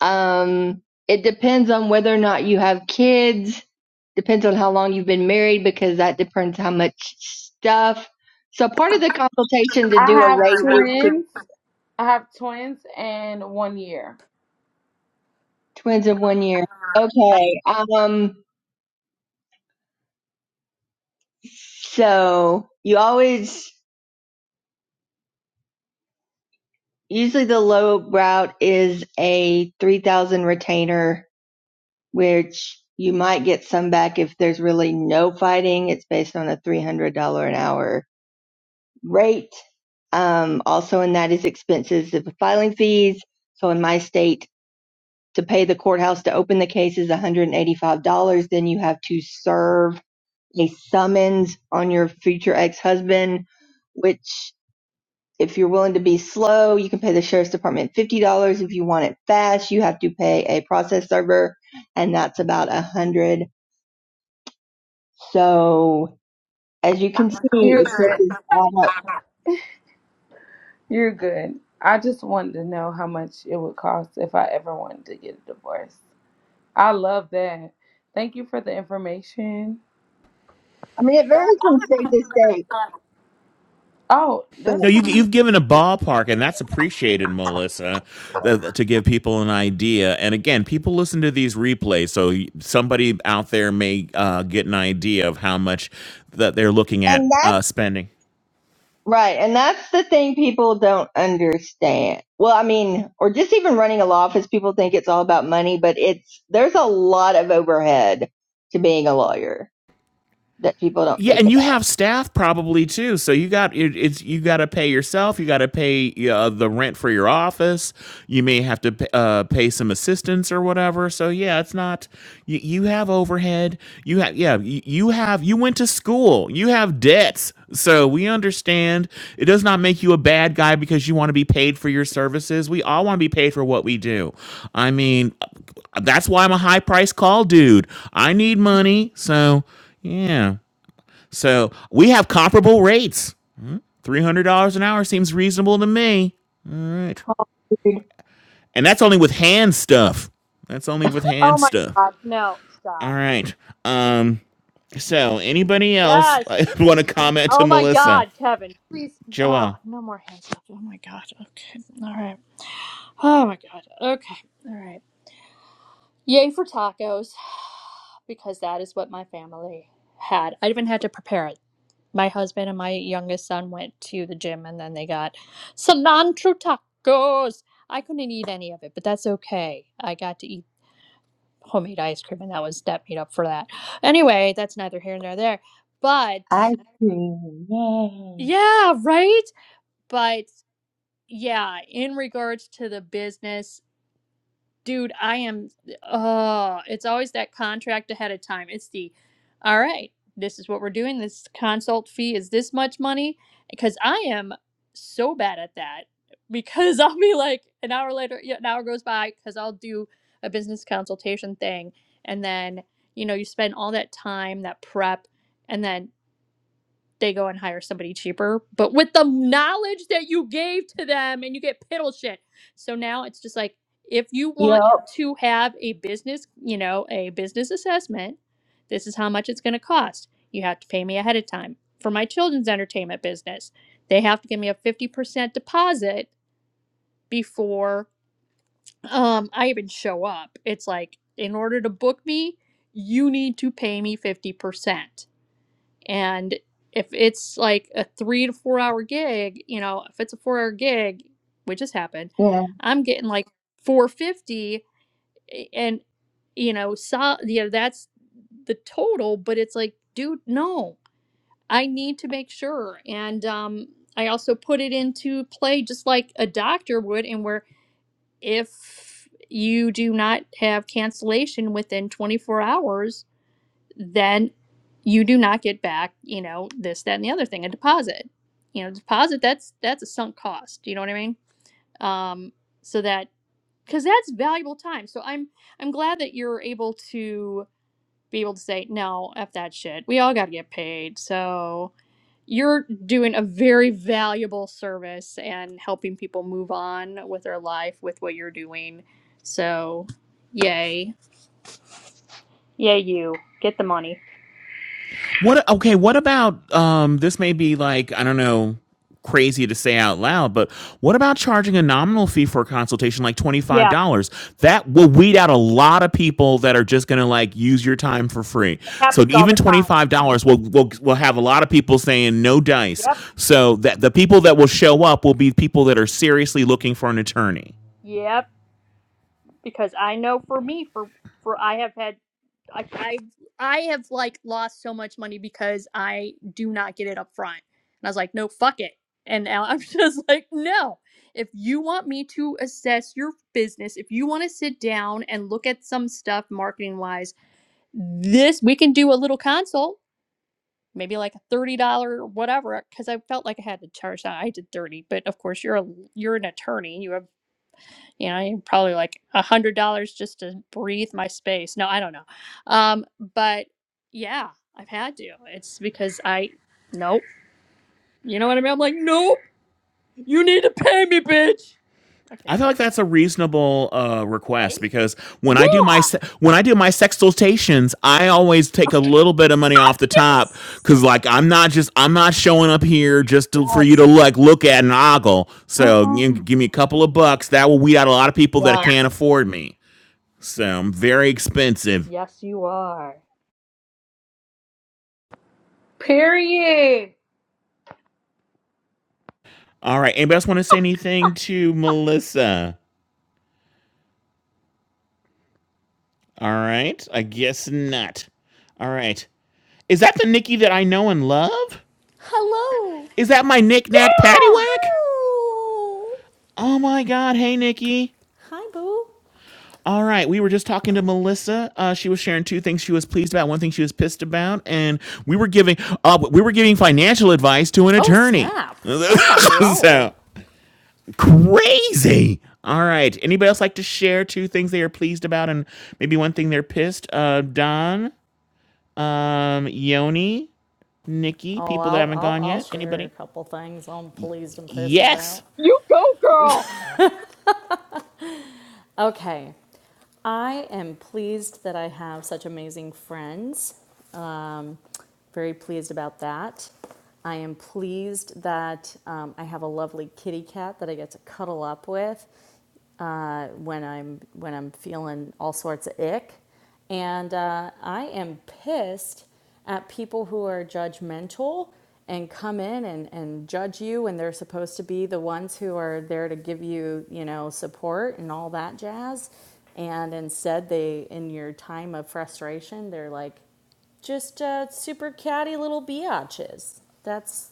Speaker 3: Um, it depends on whether or not you have kids. Depends on how long you've been married because that depends how much stuff. So part of the consultation to
Speaker 8: I
Speaker 3: do a
Speaker 8: have
Speaker 3: rate is to
Speaker 8: twins. I have twins and one year.
Speaker 3: twins in one year. Okay. Um. So you always Usually the low route is a 3000 retainer, which you might get some back if there's really no fighting. It's based on a $300 an hour rate. Um, also in that is expenses of filing fees. So in my state, to pay the courthouse to open the case is $185. Then you have to serve a summons on your future ex-husband, which if you're willing to be slow, you can pay the sheriff's department $50. If you want it fast, you have to pay a process server, and that's about a 100 So as you can see,
Speaker 8: You're good.
Speaker 3: expenses add up.
Speaker 8: You're good. I just wanted to know how much it would cost if I ever wanted to get a divorce. I love that. Thank you for the information.
Speaker 3: I mean, it varies from state to state,
Speaker 8: Oh,
Speaker 3: but,
Speaker 4: No,
Speaker 8: that's
Speaker 4: you,
Speaker 8: fine.
Speaker 4: you've given a ballpark, and that's appreciated, Melissa, th- to give people an idea. And again, people listen to these replays, so somebody out there may uh, get an idea of how much that they're looking
Speaker 3: and
Speaker 4: at uh,
Speaker 3: that's
Speaker 4: spending.
Speaker 3: right. And that's the thing people don't understand. Well, I mean, or just even running a law office, people think it's all about money, but it's, there's a lot of overhead to being a lawyer that people don't
Speaker 4: Yeah,
Speaker 3: think
Speaker 4: and you
Speaker 3: about.
Speaker 4: have staff probably too. So you got it, it's you got to pay yourself. You got to pay yeah, uh, the rent for your office. You may have to p- uh, pay some assistants or whatever. So yeah, it's not you, you have overhead. You have yeah you, you have you went to school. You have debts. So we understand it does not make you a bad guy because you want to be paid for your services. We all want to be paid for what we do. I mean, that's why I'm a high price call dude. I need money. So yeah. So we have comparable rates. $300 an hour seems reasonable to me. All right.
Speaker 3: Cold
Speaker 4: And that's only with hand stuff. That's only with
Speaker 2: Oh
Speaker 4: hand
Speaker 2: my
Speaker 4: stuff.
Speaker 2: god. No,
Speaker 4: All
Speaker 2: stop.
Speaker 4: right. Um so anybody else
Speaker 2: Yes!
Speaker 4: want to comment to
Speaker 2: Oh my
Speaker 4: Melissa?
Speaker 2: god, Kevin. Please. Oh,
Speaker 4: Joel.
Speaker 2: no more hands up. Oh my god. Okay. All right. Oh my god. Okay. All right. Yay for tacos. Because that is what my family had. I even had to prepare it. my husband and my youngest son went to the gym and then they got cilantro tacos. I couldn't eat any of it, but that's okay. I got to eat homemade ice cream and that was that made up for that. Anyway, that's neither here nor there. But
Speaker 3: ice cream. Yay.
Speaker 2: yeah, right? But yeah, in regards to the business dude, I am. Oh, it's always that contract ahead of time. It's the, all right, this is what we're doing. This consult fee is this much money. Because I am so bad at that. Because I'll be like an hour later, yeah, an hour goes by because I'll do a business consultation thing. And then, you know, you spend all that time, that prep. And then they go and hire somebody cheaper, but with the knowledge that you gave to them and you get piddle shit. So now it's just like if you
Speaker 3: Yo,
Speaker 2: want to have a business, you know, a business assessment, this is how much it's going to cost. You have to pay me ahead of time. For my children's entertainment business, they have to give me a 50% deposit before um I even show up. It's like in order to book me, you need to pay me 50% and if it's like a three to four hour gig, you know, if it's a four hour gig, which has happened,
Speaker 3: Yeah.
Speaker 2: I'm getting like 450 and, you know, so, you know, that's the total, but it's like, dude, no, I need to make sure. And, um, I also put it into play just like a doctor would, and where if you do not have cancellation within 24 hours, then you do not get back, you know, this, that, and the other thing, a deposit. You know, deposit that's that's a sunk cost. You know what I mean? Um, so that because that's valuable time. So I'm I'm glad that you're able to be able to say no, f that shit. We all got to get paid. So you're doing a very valuable service and helping people move on with their life with what you're doing. So, yay, yay, you get the money.
Speaker 4: What? Okay. What about um? This may be like I don't know, crazy to say out loud, but what about charging a nominal fee for a consultation, like twenty five
Speaker 2: Yeah,
Speaker 4: dollars? That will weed out a lot of people that are just gonna like use your time for free.
Speaker 2: it
Speaker 4: So
Speaker 2: happens all
Speaker 4: even
Speaker 2: the
Speaker 4: twenty
Speaker 2: time.
Speaker 4: five dollars will will will have a lot of people saying no dice.
Speaker 2: Yep.
Speaker 4: So that the people that will show up will be people that are seriously looking for an attorney.
Speaker 2: Yep, because I know for me, for for I have had, I I, I have like lost so much money because I do not get it up front, and I was like, no, fuck it, and now I'm just like, no. If you want me to assess your business, if you want to sit down and look at some stuff marketing wise, this we can do a little consult, maybe like a thirty dollar whatever, because I felt like I had to charge that. I did thirty, but of course you're a you're an attorney, you have you know probably like a hundred dollars just to breathe my space no i don't know um but yeah i've had to it's because i nope you know what i mean i'm like nope you need to pay me bitch okay
Speaker 4: I feel
Speaker 2: sorry
Speaker 4: like that's a reasonable uh,
Speaker 2: right
Speaker 4: request because when I do my se- when I do my sextultations, I always take a little bit of money off the top because like I'm not just I'm not showing up here just to, for you to
Speaker 2: yes
Speaker 4: like look at and ogle. So you know,
Speaker 2: Mhm.
Speaker 4: give me a couple of bucks that will weed out a lot of people that
Speaker 2: yeah
Speaker 4: can't afford me. So I'm very expensive.
Speaker 2: yes you are
Speaker 8: Period.
Speaker 4: All right, anybody else want to say anything to Melissa? All right, I guess not. All right, is that the Nikki that I know and love?
Speaker 11: Hello.
Speaker 4: Is that my knick-knack paddywhack?
Speaker 11: Oh.
Speaker 4: Oh my god, hey Nikki.
Speaker 11: Hi, Boo.
Speaker 4: All right, we were just talking to Melissa. Uh, she was sharing two things she was pleased about, one thing she was pissed about, and we were giving uh, we were giving financial advice to an
Speaker 11: Oh,
Speaker 4: attorney.
Speaker 11: snap. Oh, my Lord.
Speaker 4: so crazy. All right. Anybody else like to share two things they are pleased about and maybe one thing they're pissed? Uh, Don, um, Yoni, Nikki,
Speaker 11: Oh,
Speaker 4: people that
Speaker 11: I'll,
Speaker 4: haven't
Speaker 11: I'll,
Speaker 4: gone
Speaker 11: I'll
Speaker 4: yet.
Speaker 11: share a
Speaker 4: Anybody?
Speaker 11: couple things I'm pleased and pissed
Speaker 4: Yes.
Speaker 11: about.
Speaker 2: you go girl
Speaker 11: Okay. I am pleased that I have such amazing friends very pleased about that. I am pleased that um, I have a lovely kitty cat that I get to cuddle up with uh, when I'm when I'm feeling all sorts of ick, and uh, I am pissed at people who are judgmental and come in and, and judge you when they're supposed to be the ones who are there to give you you know support and all that jazz and instead they in your time of frustration they're like just uh, super catty little biatches. That's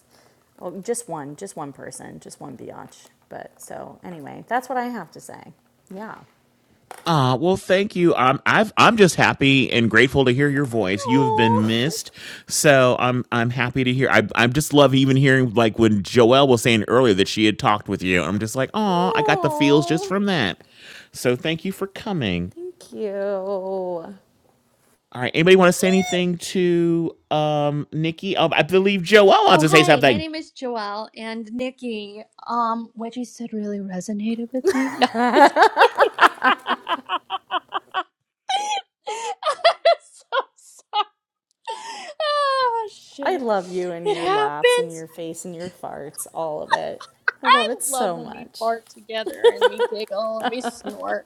Speaker 11: well, just one, just one person, just one biatch. But so anyway, that's what I have to say. Yeah.
Speaker 4: Ah, uh, well, thank you. Um, I've, I'm just happy and grateful to hear your voice. You have been
Speaker 11: Oh,
Speaker 4: missed, so I'm I'm happy to hear. I I just love even hearing like when Joelle was saying earlier that she had talked with you. I'm just like, oh, I got the feels just
Speaker 11: oh,
Speaker 4: from that. So thank you for coming.
Speaker 11: thank you.
Speaker 4: All right, anybody want to say anything to um Nikki? Oh, I believe Joelle wants
Speaker 2: oh
Speaker 4: to say
Speaker 2: hi my
Speaker 4: something.
Speaker 2: name is joelle and nikki um what you said really resonated with me no just kidding. I'm so oh
Speaker 11: I
Speaker 2: shit.
Speaker 11: love you and
Speaker 2: It
Speaker 11: your laughs and
Speaker 2: happens.
Speaker 11: your face and your farts, all of it. I
Speaker 2: I
Speaker 11: love it
Speaker 2: love
Speaker 11: so
Speaker 2: when we
Speaker 11: much.
Speaker 2: fart together and we giggle and we snort.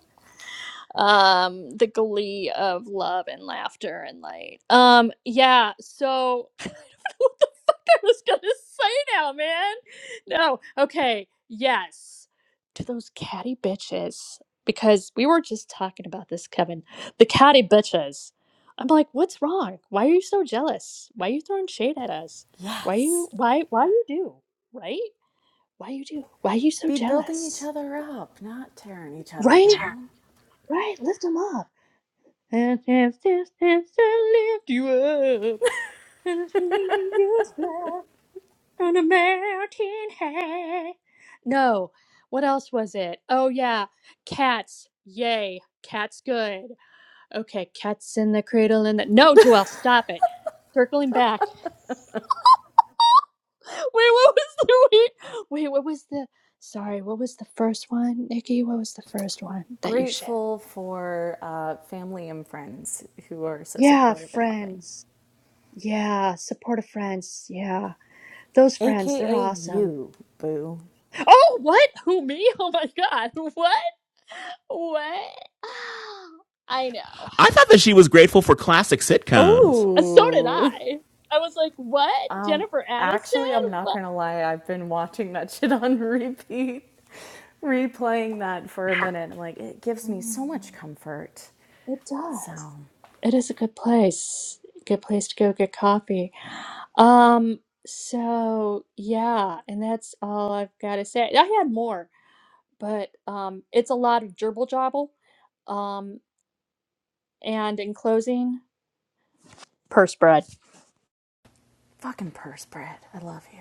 Speaker 2: um the glee of love and laughter and light um yeah so i don't know what the fuck i was gonna say now man no okay yes to those catty bitches because we were just talking about this kevin the catty bitches i'm like what's wrong why are you so jealous why are you throwing shade at us why you
Speaker 11: Yes.
Speaker 2: why why you do right why you do why are you so
Speaker 11: Be building each
Speaker 2: jealous
Speaker 11: other up, not tearing each other
Speaker 2: right
Speaker 11: down.
Speaker 2: right lift them up I have this chance to lift you up and see you fly on a mountain high. No, what else was it? Oh yeah, cats. Yay, cats good. Okay, cats in the cradle and the no, Joelle, stop it. Circling back. Wait, what was the wait? Wait, what was the? Sorry, what was the first one, Nikki? What was the first one that you shared?
Speaker 11: Grateful for uh, family and friends who are so
Speaker 2: Yeah,
Speaker 11: supportive and loving.
Speaker 2: friends. Yeah, supportive friends. Yeah. Those friends, they're
Speaker 11: AKA
Speaker 2: awesome.
Speaker 11: you, boo.
Speaker 2: Oh, what? Who, me? Oh my God. What? What? I know.
Speaker 4: I thought that she was grateful for classic sitcoms.
Speaker 2: Uh, So did I.
Speaker 11: Oh,
Speaker 2: I was like, what?
Speaker 11: um,
Speaker 2: Jennifer
Speaker 11: actually, I'm
Speaker 2: Aniston?
Speaker 11: not
Speaker 2: What?
Speaker 11: gonna lie. I've been watching that shit on repeat, replaying that for a minute. I'm like, it gives me so much
Speaker 2: Mm,
Speaker 11: comfort.
Speaker 2: It
Speaker 11: So,
Speaker 2: does. It is a good place. Good place to go get coffee. Um, so yeah, and that's all I've got to say. I had more, but um, it's a lot of gerbil jobble. Um, And in closing, purse bread.
Speaker 11: fucking purse bread. I love you.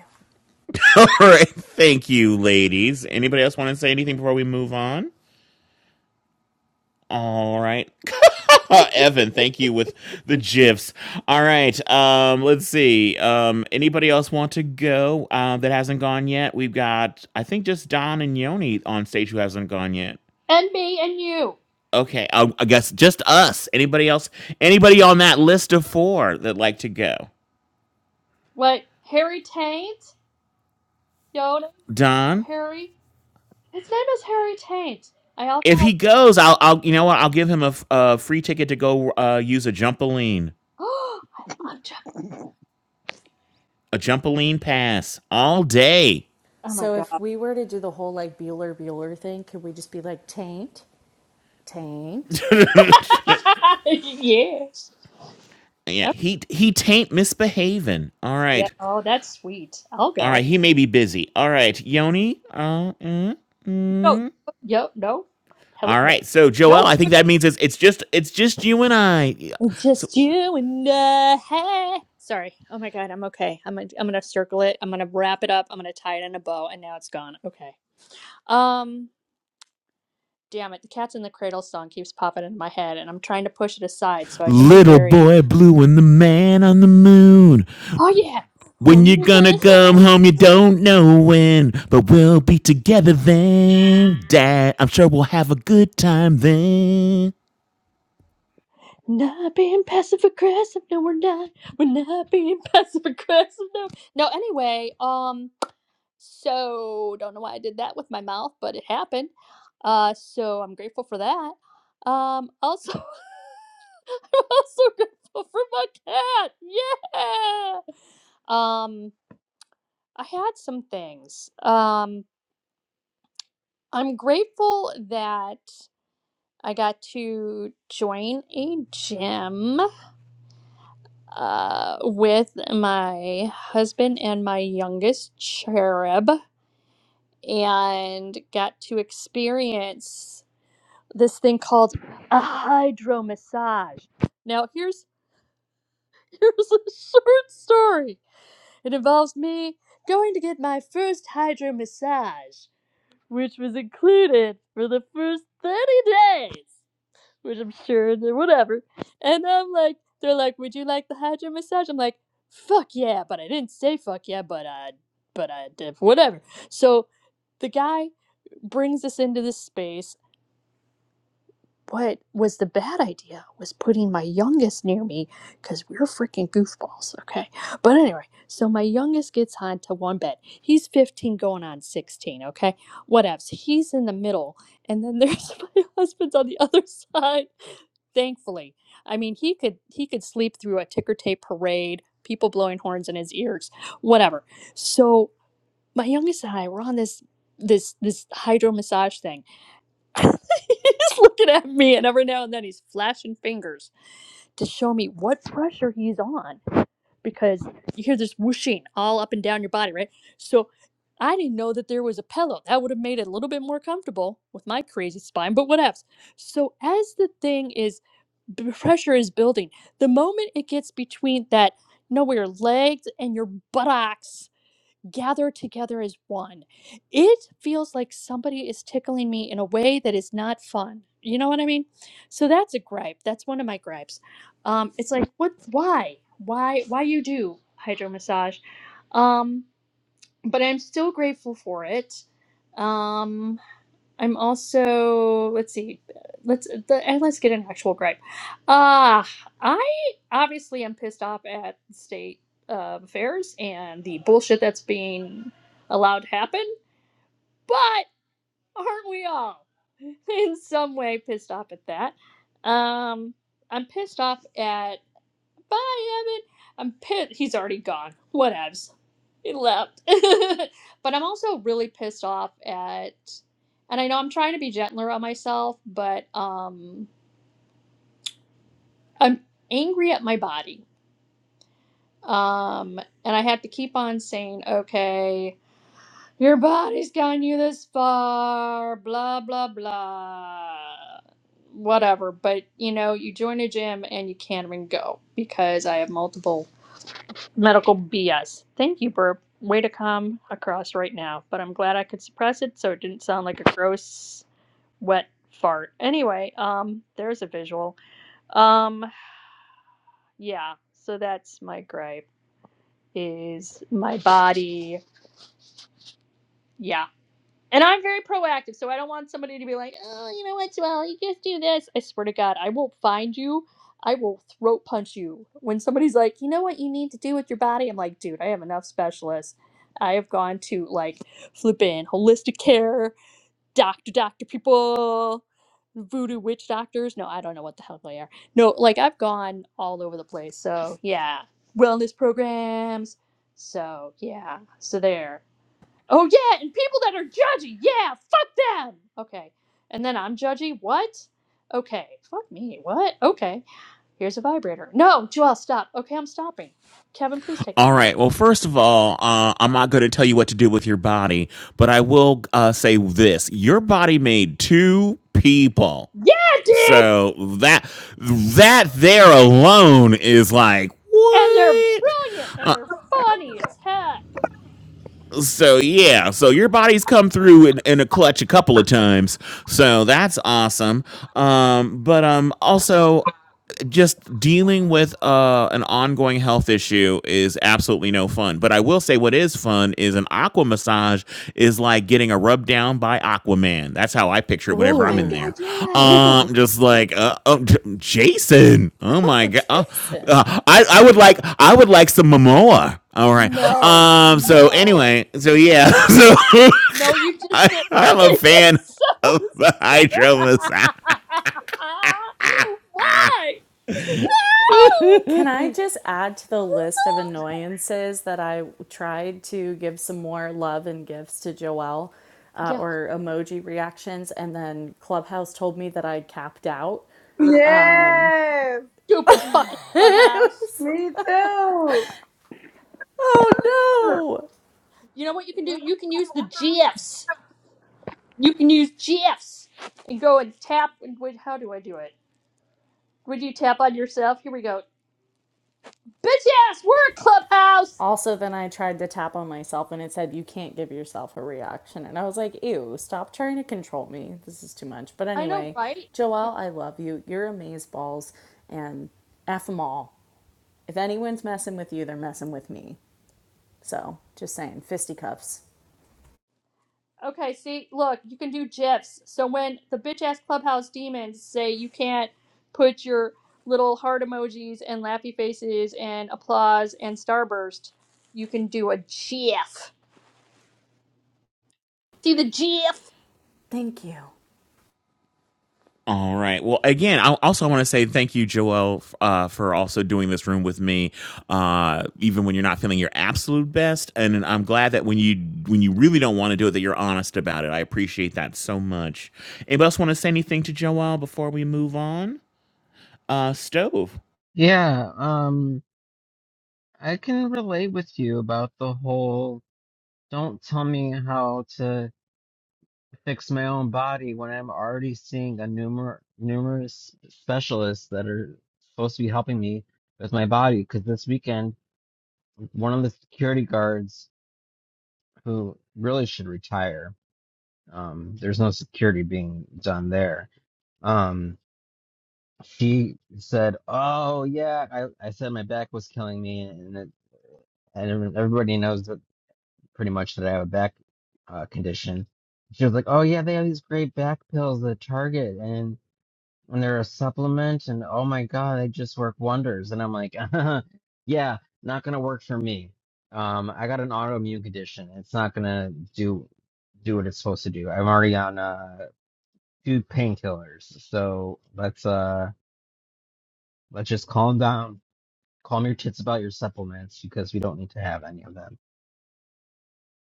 Speaker 4: All right, thank you, ladies. Anybody else want to say anything before we move on? All right. Evan, thank you with the gifs. All right. Um, let's see. Um, anybody else want to go uh, that hasn't gone yet? We've got, I think, just Don and Yoni on stage who hasn't gone yet.
Speaker 2: And me and you.
Speaker 4: Okay. I, I guess just us. Anybody else? Anybody on that list of four that like to go?
Speaker 2: Like Harry Taint? Yoda?
Speaker 4: Don?
Speaker 2: Harry? His name is Harry Taint. I also.
Speaker 4: If he goes, I'll, I'll you know what? I'll give him a, f- a free ticket to go uh, use a jumpaline,
Speaker 10: diamond.
Speaker 4: a jumpaline pass all day.
Speaker 2: Oh, my
Speaker 11: So,
Speaker 2: God.
Speaker 11: if we were to do the whole like Bueller Bueller thing, could we just be like taint, taint?
Speaker 2: yes.
Speaker 4: Yeah,
Speaker 2: Oh,
Speaker 4: he he taint misbehaving. All
Speaker 2: yeah.
Speaker 4: right.
Speaker 2: Oh, that's sweet. I'll
Speaker 4: All
Speaker 2: go.
Speaker 4: right, he may be busy. All right, Yoni. Uh, mm.
Speaker 2: Yo. Yo. No. Hello.
Speaker 4: all
Speaker 2: No.
Speaker 4: right, so Joel, I
Speaker 2: Nope.
Speaker 4: think that means it's, it's just it's just you and I. Yeah.
Speaker 2: It's Just
Speaker 4: So,
Speaker 2: you and I. Hey. Sorry. Oh my God. I'm okay. I'm gonna, I'm gonna circle it. I'm gonna wrap it up. I'm gonna tie it in a bow, and now it's gone. Okay. Um. damn it, the Cat's in the Cradle song keeps popping in my head, and I'm trying to push it aside so I can be
Speaker 4: little
Speaker 2: very,
Speaker 4: boy blue and the man on the moon.
Speaker 2: oh yeah,
Speaker 4: When you're gonna come home, you don't know when, but we'll be together then, Dad. I'm sure we'll have a good time then.
Speaker 2: not being passive aggressive. No, we're not. We're not being passive aggressive. No, no. Anyway, um, so don't know why I did that with my mouth, but it happened. Uh, so I'm grateful for that. Um, also, I'm also grateful for my cat. Yeah. Um. I had some things. Um, I'm grateful that I got to join a gym uh, with my husband and my youngest cherub and got to experience this thing called a hydro massage. Now, here's here's a short story. It involves me going to get my first hydro massage. which was included for the first 30 days, which I'm sure they whatever. And I'm like, they're like, would you like the hydro massage? I'm like, fuck yeah, but I didn't say fuck yeah, but I, but I did, whatever. So the guy brings us into this space what was the bad idea was putting my youngest near me because we're freaking goofballs okay but anyway so my youngest gets on to one bed he's 15 going on 16 okay whatevs he's in the middle and then there's my husband's on the other side thankfully i mean he could he could sleep through a ticker tape parade people blowing horns in his ears whatever so my youngest and i were on this this this hydro massage thing he's looking at me, and every now and then he's flashing fingers to show me what pressure he's on because you hear this whooshing all up and down your body, right? So I didn't know that there was a pillow. That would have made it a little bit more comfortable with my crazy spine, but whatevs. So as the thing is, b- pressure is building, the moment it gets between that, you know, where your legs and your buttocks gather together as one. It feels like somebody is tickling me in a way that is not fun. You know what I mean? So that's a gripe. That's one of my gripes. Um, it's like, what? Why? Why? Why you do hydro massage? Um, but I'm still grateful for it. Um, I'm also let's see, let's the, and let's get an actual gripe. Uh I obviously am pissed off at state uh, affairs and the bullshit that's being allowed to happen, but aren't we all in some way pissed off at that? Um, I'm pissed off at bye, Evan. I'm pissed. He's already gone. Whatevs. He left. but I'm also really pissed off at, and I know I'm trying to be gentler on myself, but um, I'm angry at my body. Um, and I have to keep on saying, okay, your body's gotten you this far, blah, blah, blah, whatever. But, you know, you join a gym and you can't even go because I have multiple Medical BS. Thank you, Burp. Way to come across right now, but I'm glad I could suppress it so it didn't sound like a gross, wet fart. Anyway, um, there's a visual. Um, yeah, so that's my gripe, is my body. Yeah, And I'm very proactive, so I don't want somebody to be like, oh, you know what, Well, you just do this. I swear to God, I will find you. I will throat punch you. When somebody's like, you know what you need to do with your body, I'm like, dude, I have enough specialists. I have gone to like flipping holistic care, doctor, doctor people, voodoo witch doctors. No, I don't know what the hell they are. No, like I've gone all over the place. So yeah, wellness programs. So yeah, so there. Oh yeah, and people that are judgy, yeah, fuck them. Okay. And then I'm judgy, what? Okay, fuck me, what? Okay. Here's a vibrator. No, Joel, stop. Okay, I'm stopping. Kevin, please take the
Speaker 4: All
Speaker 2: mic.
Speaker 4: right. Well, first of all, uh, I'm not going to tell you what to do with your body, but I will uh, say this: your body made two people,
Speaker 2: Yeah, dude!
Speaker 4: so that that there alone is like
Speaker 2: And they're
Speaker 4: what?
Speaker 2: brilliant and
Speaker 4: Uh,
Speaker 2: they're funny as heck.
Speaker 4: so yeah, so your body's come through in, in a clutch a couple of times, so that's awesome. Um, but um, also just dealing with uh, an ongoing health issue is absolutely no fun. But I will say, what is fun is an aqua massage is like getting a rub down by Aquaman. That's how I picture it
Speaker 2: Oh
Speaker 4: whenever I'm
Speaker 2: my
Speaker 4: in
Speaker 11: Ooh.
Speaker 2: god,
Speaker 4: there.
Speaker 2: yes.
Speaker 4: Um, just like uh, oh, J- Jason. Oh my
Speaker 11: Oh,
Speaker 4: god. Uh,
Speaker 11: Jason.
Speaker 4: uh, I I would like I would like some Momoa. All right.
Speaker 2: No,
Speaker 4: Um. So
Speaker 2: no.
Speaker 4: anyway. So yeah. So
Speaker 2: No, you just
Speaker 4: I,
Speaker 2: did
Speaker 4: I'm a fan
Speaker 2: it's so
Speaker 4: of the
Speaker 2: stupid.
Speaker 4: hydro massage.
Speaker 2: Why?
Speaker 11: Can I just add to the list of
Speaker 2: No!
Speaker 11: annoyances that I tried to give some more love and gifts to Joelle uh,
Speaker 2: Yeah.
Speaker 11: or emoji reactions, and then Clubhouse told me that I capped out?
Speaker 8: Yes.
Speaker 2: Stupid fucking clubhouse.
Speaker 8: Me too.
Speaker 11: Oh no!
Speaker 2: You know what you can do? You can use the GFs. You can use GFs and go and tap. And wait, how do I do it? Would you tap on yourself? Here we go. Bitch ass, we're a clubhouse.
Speaker 11: Also, then I tried to tap on myself and it said, You can't give yourself a reaction. And I was like, Ew, stop trying to control me. This is too much. But
Speaker 2: I know,
Speaker 11: anyway,
Speaker 2: right?
Speaker 11: Joelle, I love you. You're amazeballs. balls and F them all. If anyone's messing with you, they're messing with me. So just saying, fisticuffs.
Speaker 2: Okay, see, look, you can do GIFs. So when the bitch ass clubhouse demons say you can't put your little heart emojis and laughy faces and applause and starburst, you can do a GIF. See the GIF?
Speaker 11: Thank you.
Speaker 4: All right. Well, again, I also want to say thank you, Joelle, uh, for also doing this room with me, uh, even when you're not feeling your absolute best. And I'm glad that when you when you really don't want to do it, that you're honest about it. I appreciate that so much. Anybody else want to say anything to Joelle before we move on? Uh, stove.
Speaker 1: Yeah, um, I can relate with you about the whole don't tell me how to. fix my own body when I'm already seeing a numer numerous specialists that are supposed to be helping me with my body. Because this weekend, one of the security guards who really should retire, um, there's no security being done there. Um, she said, "Oh yeah, I, I said my back was killing me, and it, and everybody knows that pretty much that I have a back uh, condition." She was like, "Oh yeah, they have these great back pills that target and." and they're a supplement and oh my god they just work wonders and i'm like yeah not gonna work for me um i got an autoimmune condition it's not gonna do do what it's supposed to do i'm already on uh two painkillers so let's uh let's just calm down calm your tits about your supplements because we don't need to have any of them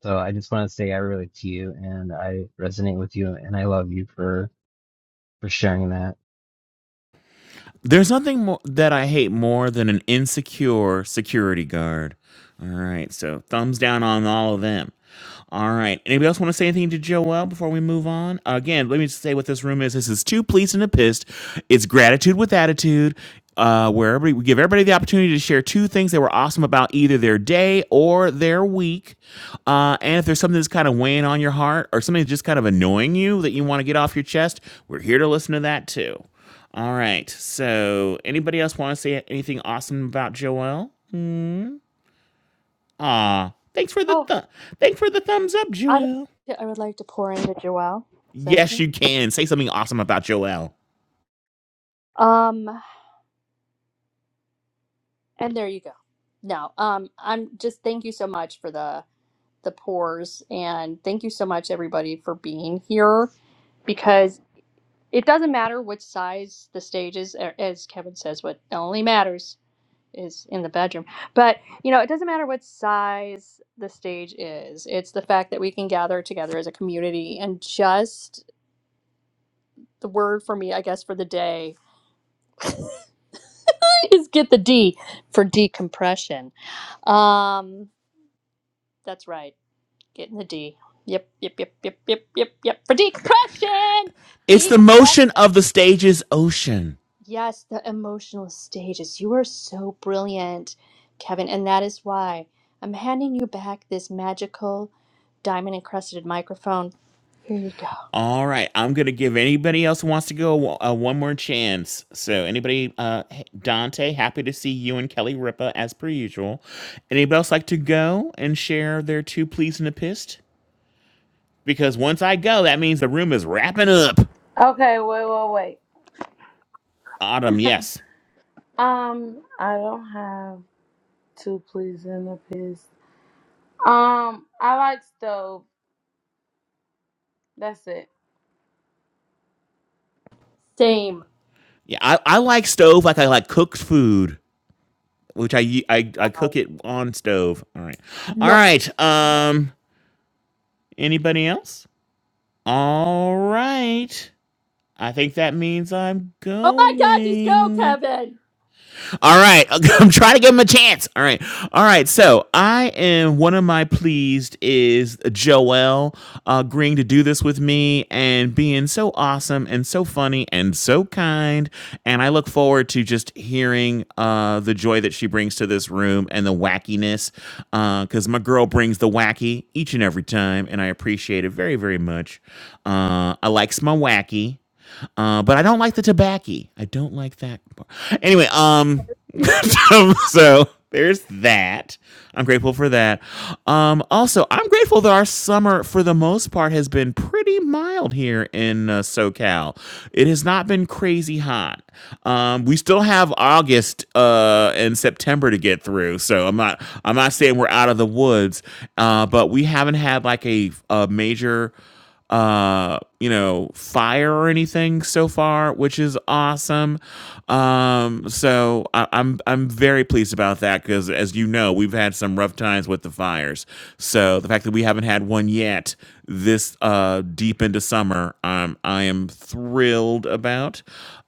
Speaker 1: so i just want to say i relate to you and i resonate with you and i love you for for sharing that
Speaker 4: There's nothing more that I hate more than an insecure security guard. All right, so thumbs down on all of them. All right, anybody else want to say anything to Joel before we move on? Again, let me just say what this room is. This is two pleased and a pissed. It's gratitude with attitude. Uh, where everybody, we give everybody the opportunity to share two things that were awesome about either their day or their week. Uh, and if there's something that's kind of weighing on your heart or something that's just kind of annoying you that you want to get off your chest, we're here to listen to that too. All right. So, anybody else want to say anything awesome about Joelle? Hmm. Ah, thanks for the
Speaker 2: Oh,
Speaker 4: th- thanks for the thumbs up,
Speaker 2: I don't.
Speaker 4: Joelle.
Speaker 2: I would like to pour into Joelle. Is that
Speaker 4: Yes,
Speaker 2: okay?
Speaker 4: you can say something awesome about Joelle.
Speaker 2: Um, and there you go. No, um, I'm just thank you so much for the the pours, and thank you so much everybody for being here because it doesn't matter which size the stage is, or as Kevin says, what only matters is in the bedroom. But you know, it doesn't matter what size the stage is. It's the fact that we can gather together as a community and just the word for me, I guess, for the day is get the D for decompression. Um, that's right, getting the D. Yep, yep, yep, yep, yep, yep, yep for decompression.
Speaker 4: It's the motion of the
Speaker 2: Decompression.
Speaker 4: stage's ocean.
Speaker 2: Yes, the emotional stages. You are so brilliant, Kevin, and that is why I'm handing you back this magical diamond encrusted microphone. Here you go.
Speaker 4: All right, I'm gonna give anybody else who wants to go uh, one more chance. So, anybody, uh, Dante, happy to see you and Kelly Ripa as per usual. Anybody else like to go and share their two pleas and a pissed? Because once I go, that means the room is wrapping up.
Speaker 8: Okay, wait, wait, wait.
Speaker 4: Autumn, yes.
Speaker 8: Um, I don't have two pleas and a piss. Um, I like stove. That's it.
Speaker 2: Same.
Speaker 4: Yeah, I, I like stove like I like cooked food, which I I I
Speaker 2: Wow.
Speaker 4: cook it on stove. All right. All
Speaker 2: No.
Speaker 4: right. Um anybody else? All right. I think that means I'm
Speaker 2: Oh my God! Just go,
Speaker 4: going.
Speaker 2: Kevin.
Speaker 4: All right. I'm trying to give him a chance. All right. All right. So I am one of my pleased is Joelle uh, agreeing to do this with me and being so awesome and so funny and so kind. And I look forward to just hearing uh, the joy that she brings to this room and the wackiness because uh, my girl brings the wacky each and every time. And I appreciate it very, very much. Uh, I likes my wacky. Uh, but I don't like the tobacco. I don't like that. Anyway, um,
Speaker 2: Okay.
Speaker 4: so- so there's that. I'm grateful for that. Um, also, I'm grateful that our summer, for the most part, has been pretty mild here in uh, SoCal. It has not been crazy hot. Um, we still have August uh, and September to get through, so I'm not. I'm not saying we're out of the woods, uh, but we haven't had like a, a major uh you know fire or anything so far which is awesome um so I, i'm i'm very pleased about that because as you know we've had some rough times with the fires so the fact that we haven't had one yet this uh deep into summer um i am thrilled about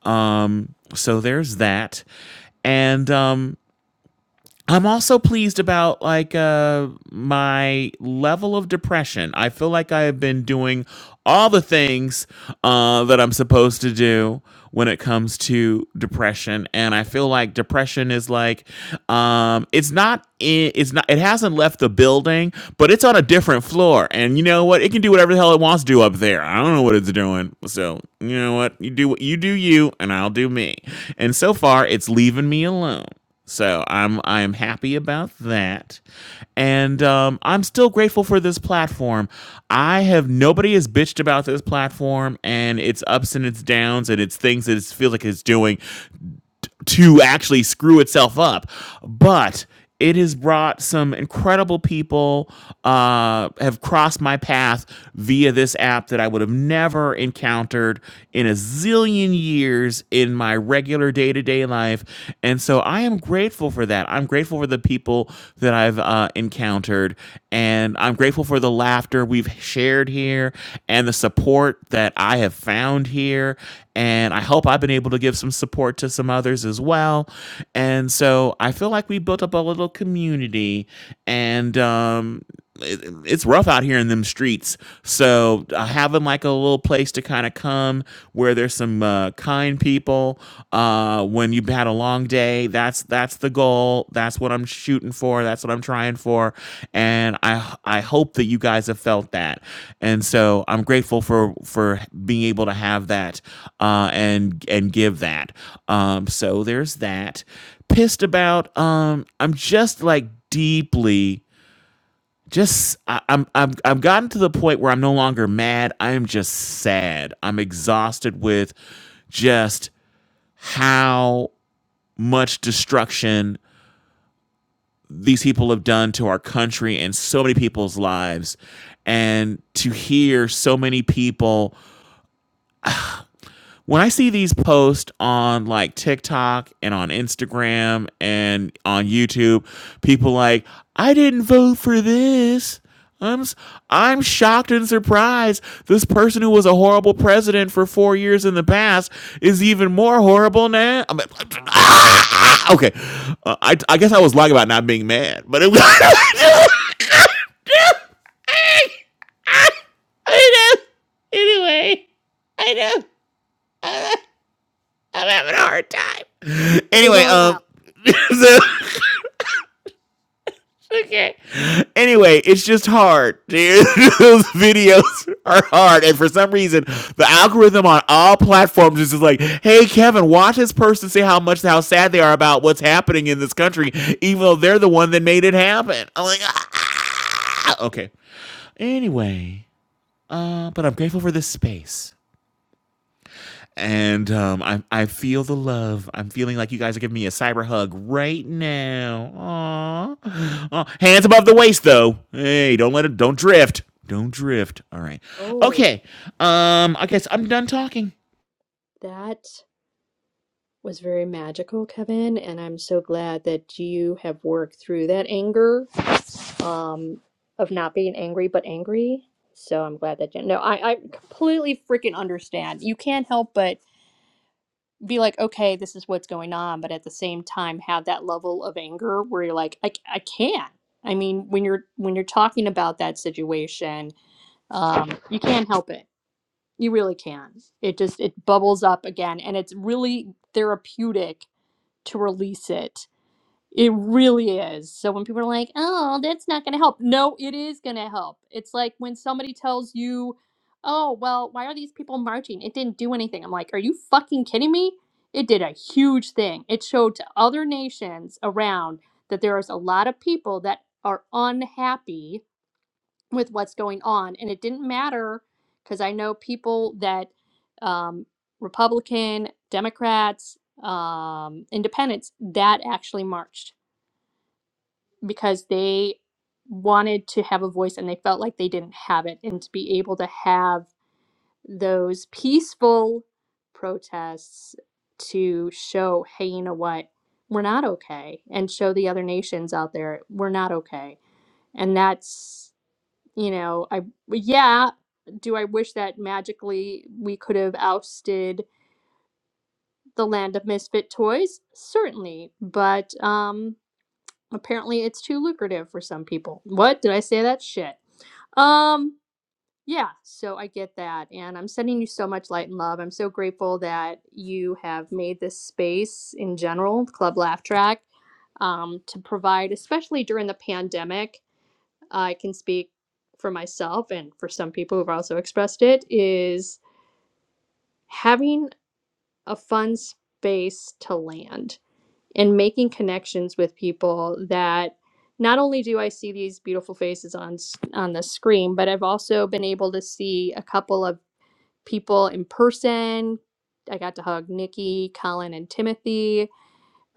Speaker 4: um so there's that and um I'm also pleased about like uh my level of depression. I feel like I have been doing all the things uh that I'm supposed to do when it comes to depression and I feel like depression is like um it's not i- it's not it hasn't left the building, but it's on a different floor and you know what? It can do whatever the hell it wants to do up there. I don't know what it's doing. So, you know what? You do what you do you and I'll do me. And so far it's leaving me alone. So I'm I'm happy about that, and um, I'm still grateful for this platform. I have nobody has bitched about this platform and its ups and its downs and its things that it feels like it's doing to actually screw itself up. But it has brought some incredible people uh, have crossed my path via this app that I would have never encountered in a zillion years in my regular day to day life, and so I am grateful for that. I'm grateful for the people that I've uh, encountered, and I'm grateful grateful for the laughter we've shared here and the support that I have found here. And I hope I've been able to give some support to some others as well. And so I feel like we built up a little community. And um, it, it's rough out here in them streets. So uh, having like a little place to kind of come where there's some uh, kind people uh, when you've had a long day. That's that's the goal. That's what I'm shooting for. That's what I'm trying for, and I I hope that you guys have felt that. And so I'm grateful for for being able to have that uh, and and give that. Um, so there's that. Pissed about. Um, I'm just like deeply just I, I'm I'm I've gotten to the point where I'm no longer mad. I am just sad. I'm exhausted with just how much destruction these people have done to our country and so many people's lives. And to hear so many people when I see these posts on like TikTok and on Instagram and on YouTube, people like, I didn't vote for this. I'm s- I'm shocked and surprised. This person who was a horrible president for four years in the past is even more horrible now. I'm like, ah! okay, uh, I I guess I was lying about not being mad, but it was. I know. Anyway, I know. I'm having a hard time.
Speaker 2: Put it
Speaker 4: Anyway,
Speaker 2: all
Speaker 4: um,
Speaker 2: out.
Speaker 4: so, okay. Anyway, it's just hard. Those videos are hard, and for some reason, the algorithm on all platforms is just like, "Hey, Kevin, watch this person say how much how sad they are about what's happening in this country, even though they're the one that made it happen." I'm like, ah. okay. Anyway, uh, but I'm grateful for this space. And um, I I feel the love. I'm feeling like you guys are giving me a cyber hug right now. Aww. Aw. hands above the waist though. Hey, don't let it. Don't drift. Don't drift. All right.
Speaker 2: Oh,
Speaker 4: Okay. Um, I guess I'm done talking.
Speaker 2: that. was very magical, Kevin, and I'm so glad that you have worked through that anger um, of not being angry but angry. So I'm glad that you. No, I, I completely freaking understand. You can't help but be like, okay, this is what's going on, but at the same time have that level of anger where you're like, I, I can't. I mean, when you're when you're talking about that situation, um, you can't help it. You really can. It just it bubbles up again, and it's really therapeutic to release it it really is. So when people are like, "Oh, that's not going to help." No, it is going to help. It's like when somebody tells you, "Oh, well, why are these people marching? It didn't do anything." I'm like, "Are you fucking kidding me? It did a huge thing. It showed to other nations around that there is a lot of people that are unhappy with what's going on, and it didn't matter because I know people that um Republican, Democrats, um, independents that actually marched because they wanted to have a voice and they felt like they didn't have it and to be able to have those peaceful protests to show hey you know what we're not okay and show the other nations out there we're not okay and that's you know i yeah do i wish that magically we could have ousted the land of misfit toys certainly but um Apparently, it's too lucrative for some people. What? Did I say that shit? Um, yeah, so I get that. And I'm sending you so much light and love. I'm so grateful that you have made this space in general, Club Laugh Track, um, to provide, especially during the pandemic. I can speak for myself and for some people who've also expressed it, is having a fun space to land and making connections with people that not only do I see these beautiful faces on s- on the screen, but I've also been able to see a couple of people in person. I got to hug Nikki, Colin, and Timothy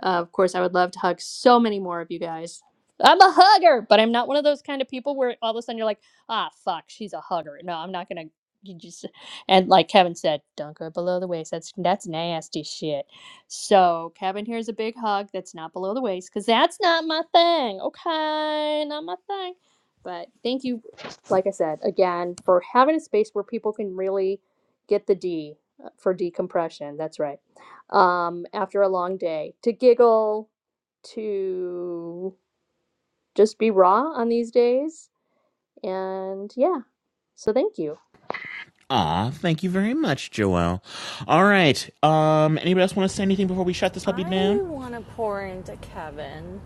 Speaker 2: uh, of course, I would love to hug so many more of you guys. I'm a hugger, but I'm not one of those kind of people where all of a sudden you're like, ah, fuck, she's a hugger. No, I'm not gonna. You just and like Kevin said, don't go below the waist. That's that's nasty shit. So Kevin, here's a big hug that's not below the waist because that's not my thing. Okay, not my thing. But thank you, like I said again, for having a space where people can really get the D uh, for decompression. That's right um, after a long day to giggle, to just be raw on these days. And yeah, so thank you.
Speaker 4: Aw, thank you very much, Joelle. All right. Um, anybody else want to say anything before we shut this puppy down?
Speaker 11: I want to pour into Kevin.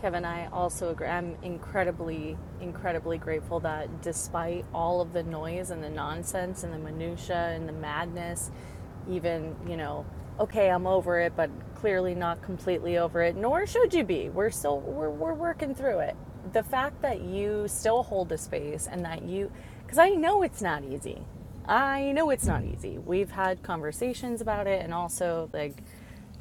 Speaker 11: Kevin, and I also agree. I'm incredibly, incredibly grateful that despite all of the noise and the nonsense and the minutia and the madness, even, you know, okay, I'm over it, but clearly not completely over it, nor should you be. We're still, we're, we're working through it. The fact that you still hold a space and that you, because I know it's not easy. I know it's not easy. We've had conversations about it and also, like,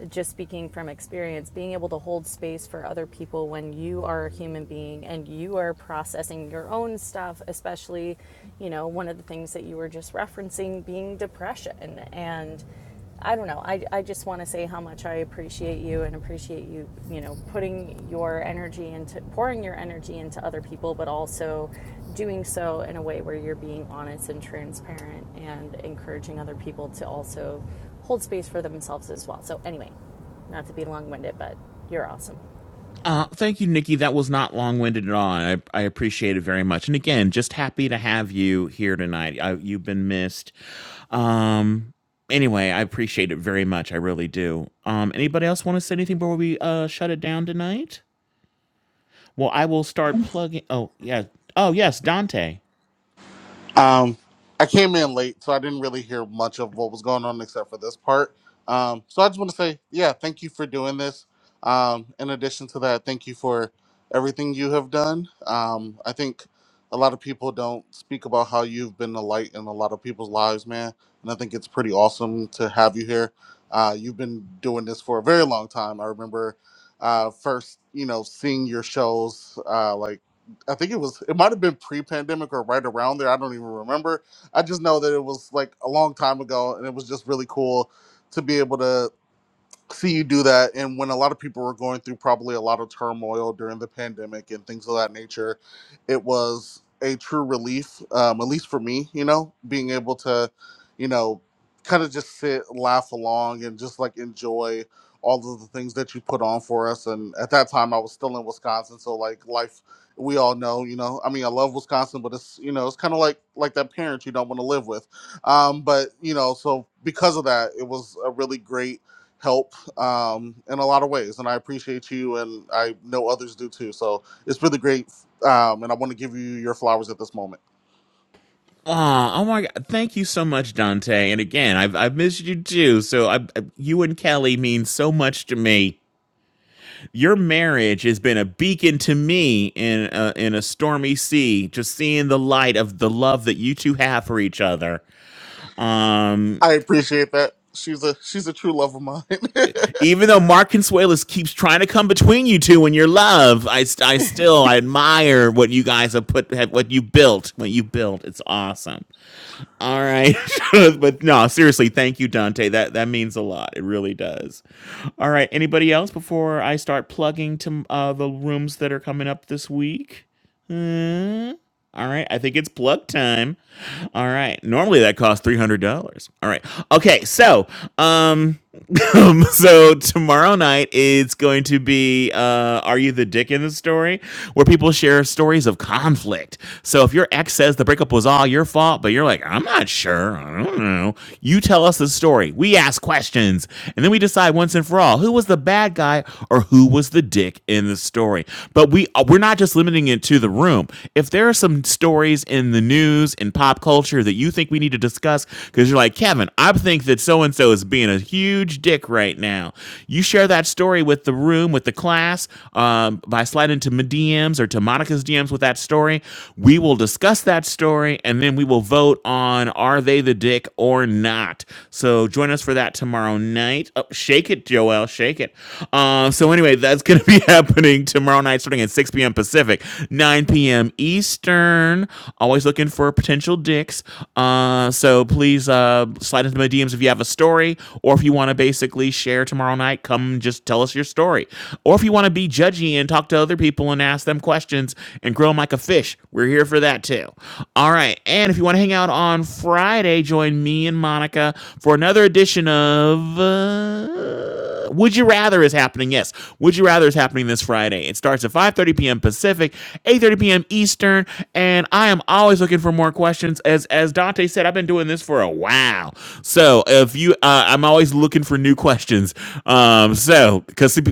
Speaker 11: just speaking from experience, being able to hold space for other people when you are a human being and you are processing your own stuff, especially, you know, one of the things that you were just referencing being depression. And I don't know, I, I just want to say how much I appreciate you and appreciate you, you know, putting your energy into pouring your energy into other people, but also doing so in a way where you're being honest and transparent and encouraging other people to also hold space for themselves as well. So, anyway, not to be long winded, but you're awesome.
Speaker 4: Uh, thank you, Nikki. That was not long winded at all. I, I appreciate it very much. And again, just happy to have you here tonight. I, you've been missed. Um, anyway, I appreciate it very much. I really do. Um, anybody else want to say anything before we uh, shut it down tonight? Well, I will start plugging. Oh, yeah. Oh, yes, Dante.
Speaker 12: Um, I came in late, so I didn't really hear much of what was going on except for this part. Um, so I just want to say, yeah, thank you for doing this. Um, in addition to that, thank you for everything you have done. Um, I think a lot of people don't speak about how you've been a light in a lot of people's lives, man. And I think it's pretty awesome to have you here. Uh, you've been doing this for a very long time. I remember uh, first, you know, seeing your shows uh, like I think it was it might have been pre-pandemic or right around there. I don't even remember. I just know that it was like a long time ago, and it was just really cool to be able to see you do that and when a lot of people were going through probably a lot of turmoil during the pandemic and things of that nature it was a true relief um, at least for me you know being able to you know kind of just sit laugh along and just like enjoy all of the things that you put on for us and at that time i was still in wisconsin so like life we all know you know i mean i love wisconsin but it's you know it's kind of like like that parent you don't want to live with um but you know so because of that it was a really great help um, in a lot of ways, and I appreciate you, and I know others do too. So it's really great, um, and I want to give you your flowers at this moment.
Speaker 4: Oh, oh my God. Thank you so much, Dante. And again, I've, I've missed you too. So I, I, you and Kelly mean so much to me. your marriage has been a beacon to me in a, in a stormy sea just seeing the light of the love that you two have for each other um
Speaker 12: I appreciate that. She's a she's a true love of mine.
Speaker 4: even though mark consuelos keeps trying to come between you two and your love i st- i still I admire what you guys have put have, what you built what you built it's awesome all right but no seriously thank you dante that that means a lot it really does All right. Anybody else before I start plugging to uh, the rooms that are coming up this week? Hmm. All right. I think it's plug time. All right. Normally that costs three hundred dollars. All right. Okay. So, um. so tomorrow night it's going to be uh, "Are You the Dick in the Story," where people share stories of conflict. So if your ex says the breakup was all your fault, but you're like, "I'm not sure," I don't know. You tell us the story. We ask questions, and then we decide once and for all who was the bad guy or who was the dick in the story. But we uh, we're not just limiting it to the room. If there are some stories in the news and podcasts pop culture that you think we need to discuss because you're like, Kevin, I think that so and so is being a huge dick right now. You share that story with the room, with the class, um, by sliding to my DMs or to Monica's DMs with that story. We will discuss that story and then we will vote on are they the dick or not. So join us for that tomorrow night. Oh, shake it, Joel, shake it. Uh, so anyway, that's going to be happening tomorrow tomorrow night starting at 6 p.m. Pacific, 9 p.m. Eastern. Always looking for potential dicks. Uh, so please uh, slide into my DMs if you have a story or if you want to basically share tomorrow night, come just tell us your story. Or if you want to be judgy and talk to other people and ask them questions and grow 'em like a fish, we're here for that too. All right. And if you want to hang out on Friday, join me and Monica for another edition of. uh, would You Rather is happening. Yes, Would You Rather is happening this Friday. It starts at 5:30 p.m. Pacific, 8:30 p.m. Eastern, and I am always looking for more questions. As as Dante said, I've been doing this for a while, so if you, uh, I'm always looking for new questions. Um, so because some,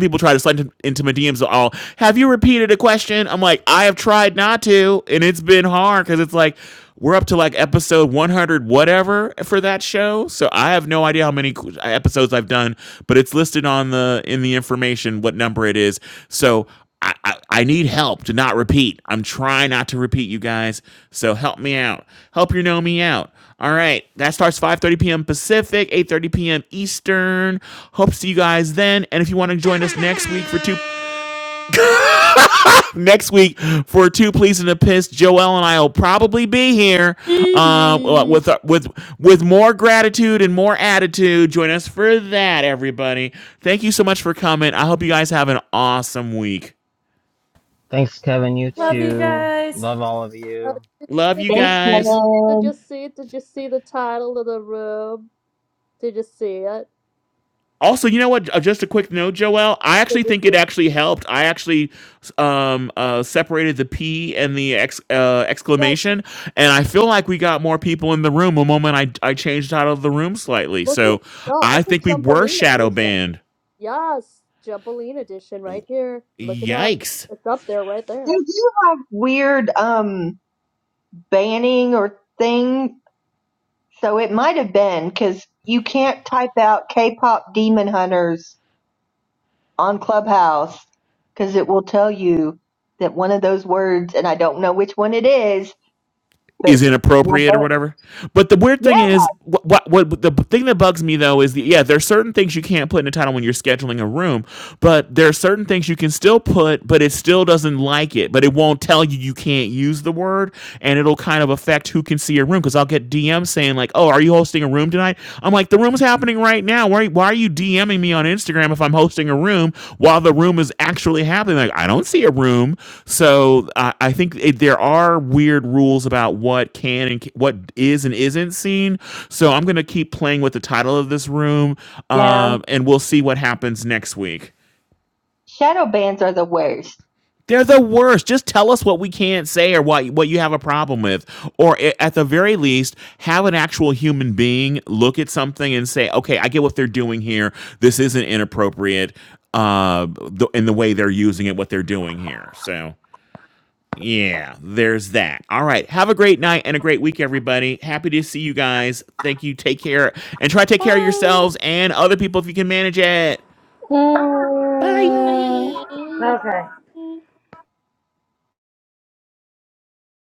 Speaker 4: people try to slide into my DMs, all have you repeated a question? I'm like, I have tried not to, and it's been hard because it's like we're up to like episode 100 whatever for that show. So I have no idea how many episodes I've done, but it's listed on the in the information what number it is. So I, I, I need help to not repeat. I'm trying not to repeat, you guys. So help me out. Help your know me out. All right, that starts 5:30 p.m. Pacific, 8:30 p.m. Eastern. Hope to see you guys then. And if you want to join us next week for two next week for two pleas and a piss. Joel and I will probably be here uh, with uh, with with more gratitude and more attitude. Join us for that, everybody. Thank you so much for coming. I hope you guys have an awesome week.
Speaker 1: thanks kevin you
Speaker 11: Love
Speaker 2: Thanks.
Speaker 11: you
Speaker 1: too
Speaker 11: guys.
Speaker 1: love all of
Speaker 2: Uh,
Speaker 1: you
Speaker 4: Love you
Speaker 3: Thanks,
Speaker 2: did, did you see?
Speaker 4: guys.
Speaker 2: Did you
Speaker 3: Helen.
Speaker 2: see? Did you see the title of the room? Did you see it?
Speaker 4: Also, you know what? Uh, Just a quick note, Joel. I
Speaker 2: Did
Speaker 4: actually
Speaker 2: you
Speaker 4: think
Speaker 2: see?
Speaker 4: it actually helped. I actually um, uh, separated the P and the ex, uh,
Speaker 2: Yeah,
Speaker 4: exclamation, and I feel like we got more people in the room the moment I, I changed out of the room slightly.
Speaker 2: look at
Speaker 4: So
Speaker 2: you go. I
Speaker 4: I
Speaker 2: put
Speaker 4: think we were
Speaker 2: Jumpaline
Speaker 4: shadow
Speaker 2: edition.
Speaker 4: banned.
Speaker 2: Yes, Jumpaline edition right here. Look it up.
Speaker 4: Yikes.
Speaker 2: It's up there, right
Speaker 3: They
Speaker 2: there.
Speaker 3: do have weird um banning or thing. So it might have been because you can't type out K-pop Demon Hunters on Clubhouse because it will tell you that one of those words, and I don't know which one it is,
Speaker 4: is
Speaker 3: But well,
Speaker 4: inappropriate or
Speaker 3: but
Speaker 4: whatever. But the weird thing
Speaker 3: yeah,
Speaker 4: is, what, what what the thing that bugs me though is the yeah, there are certain things you can't put in a title when you're scheduling a room, but there are certain things you can still put, but it still doesn't like it, but it won't tell you you can't use the word, and it'll kind of affect who can see your room because I'll get DMs saying like, "Oh, are you hosting a room tonight?" I'm like like, the room's happening right now. Why, why are you DMing me on Instagram if I'm hosting a room while the room is actually happening? Like, I don't see a room. So I, I think it, there are weird rules about what can and ca- what is and isn't seen. So I'm going to keep playing with the title of this room
Speaker 3: yeah.
Speaker 4: um, and we'll see what happens next week.
Speaker 3: Shadow bands are the worst.
Speaker 4: They're the worst. Just tell us what we can't say or what what you have a problem with, or at the very least, have an actual human being look at something and say, "Okay, I get what they're doing here. This isn't inappropriate uh, in the way they're using it, what they're doing here." So, yeah, there's that. All right, have a great night and a great week, everybody. Happy to see you guys. Thank you. Take care and try to take care of
Speaker 11: Bye.
Speaker 4: yourselves and other people if you can manage it. Bye.
Speaker 8: Mm, okay.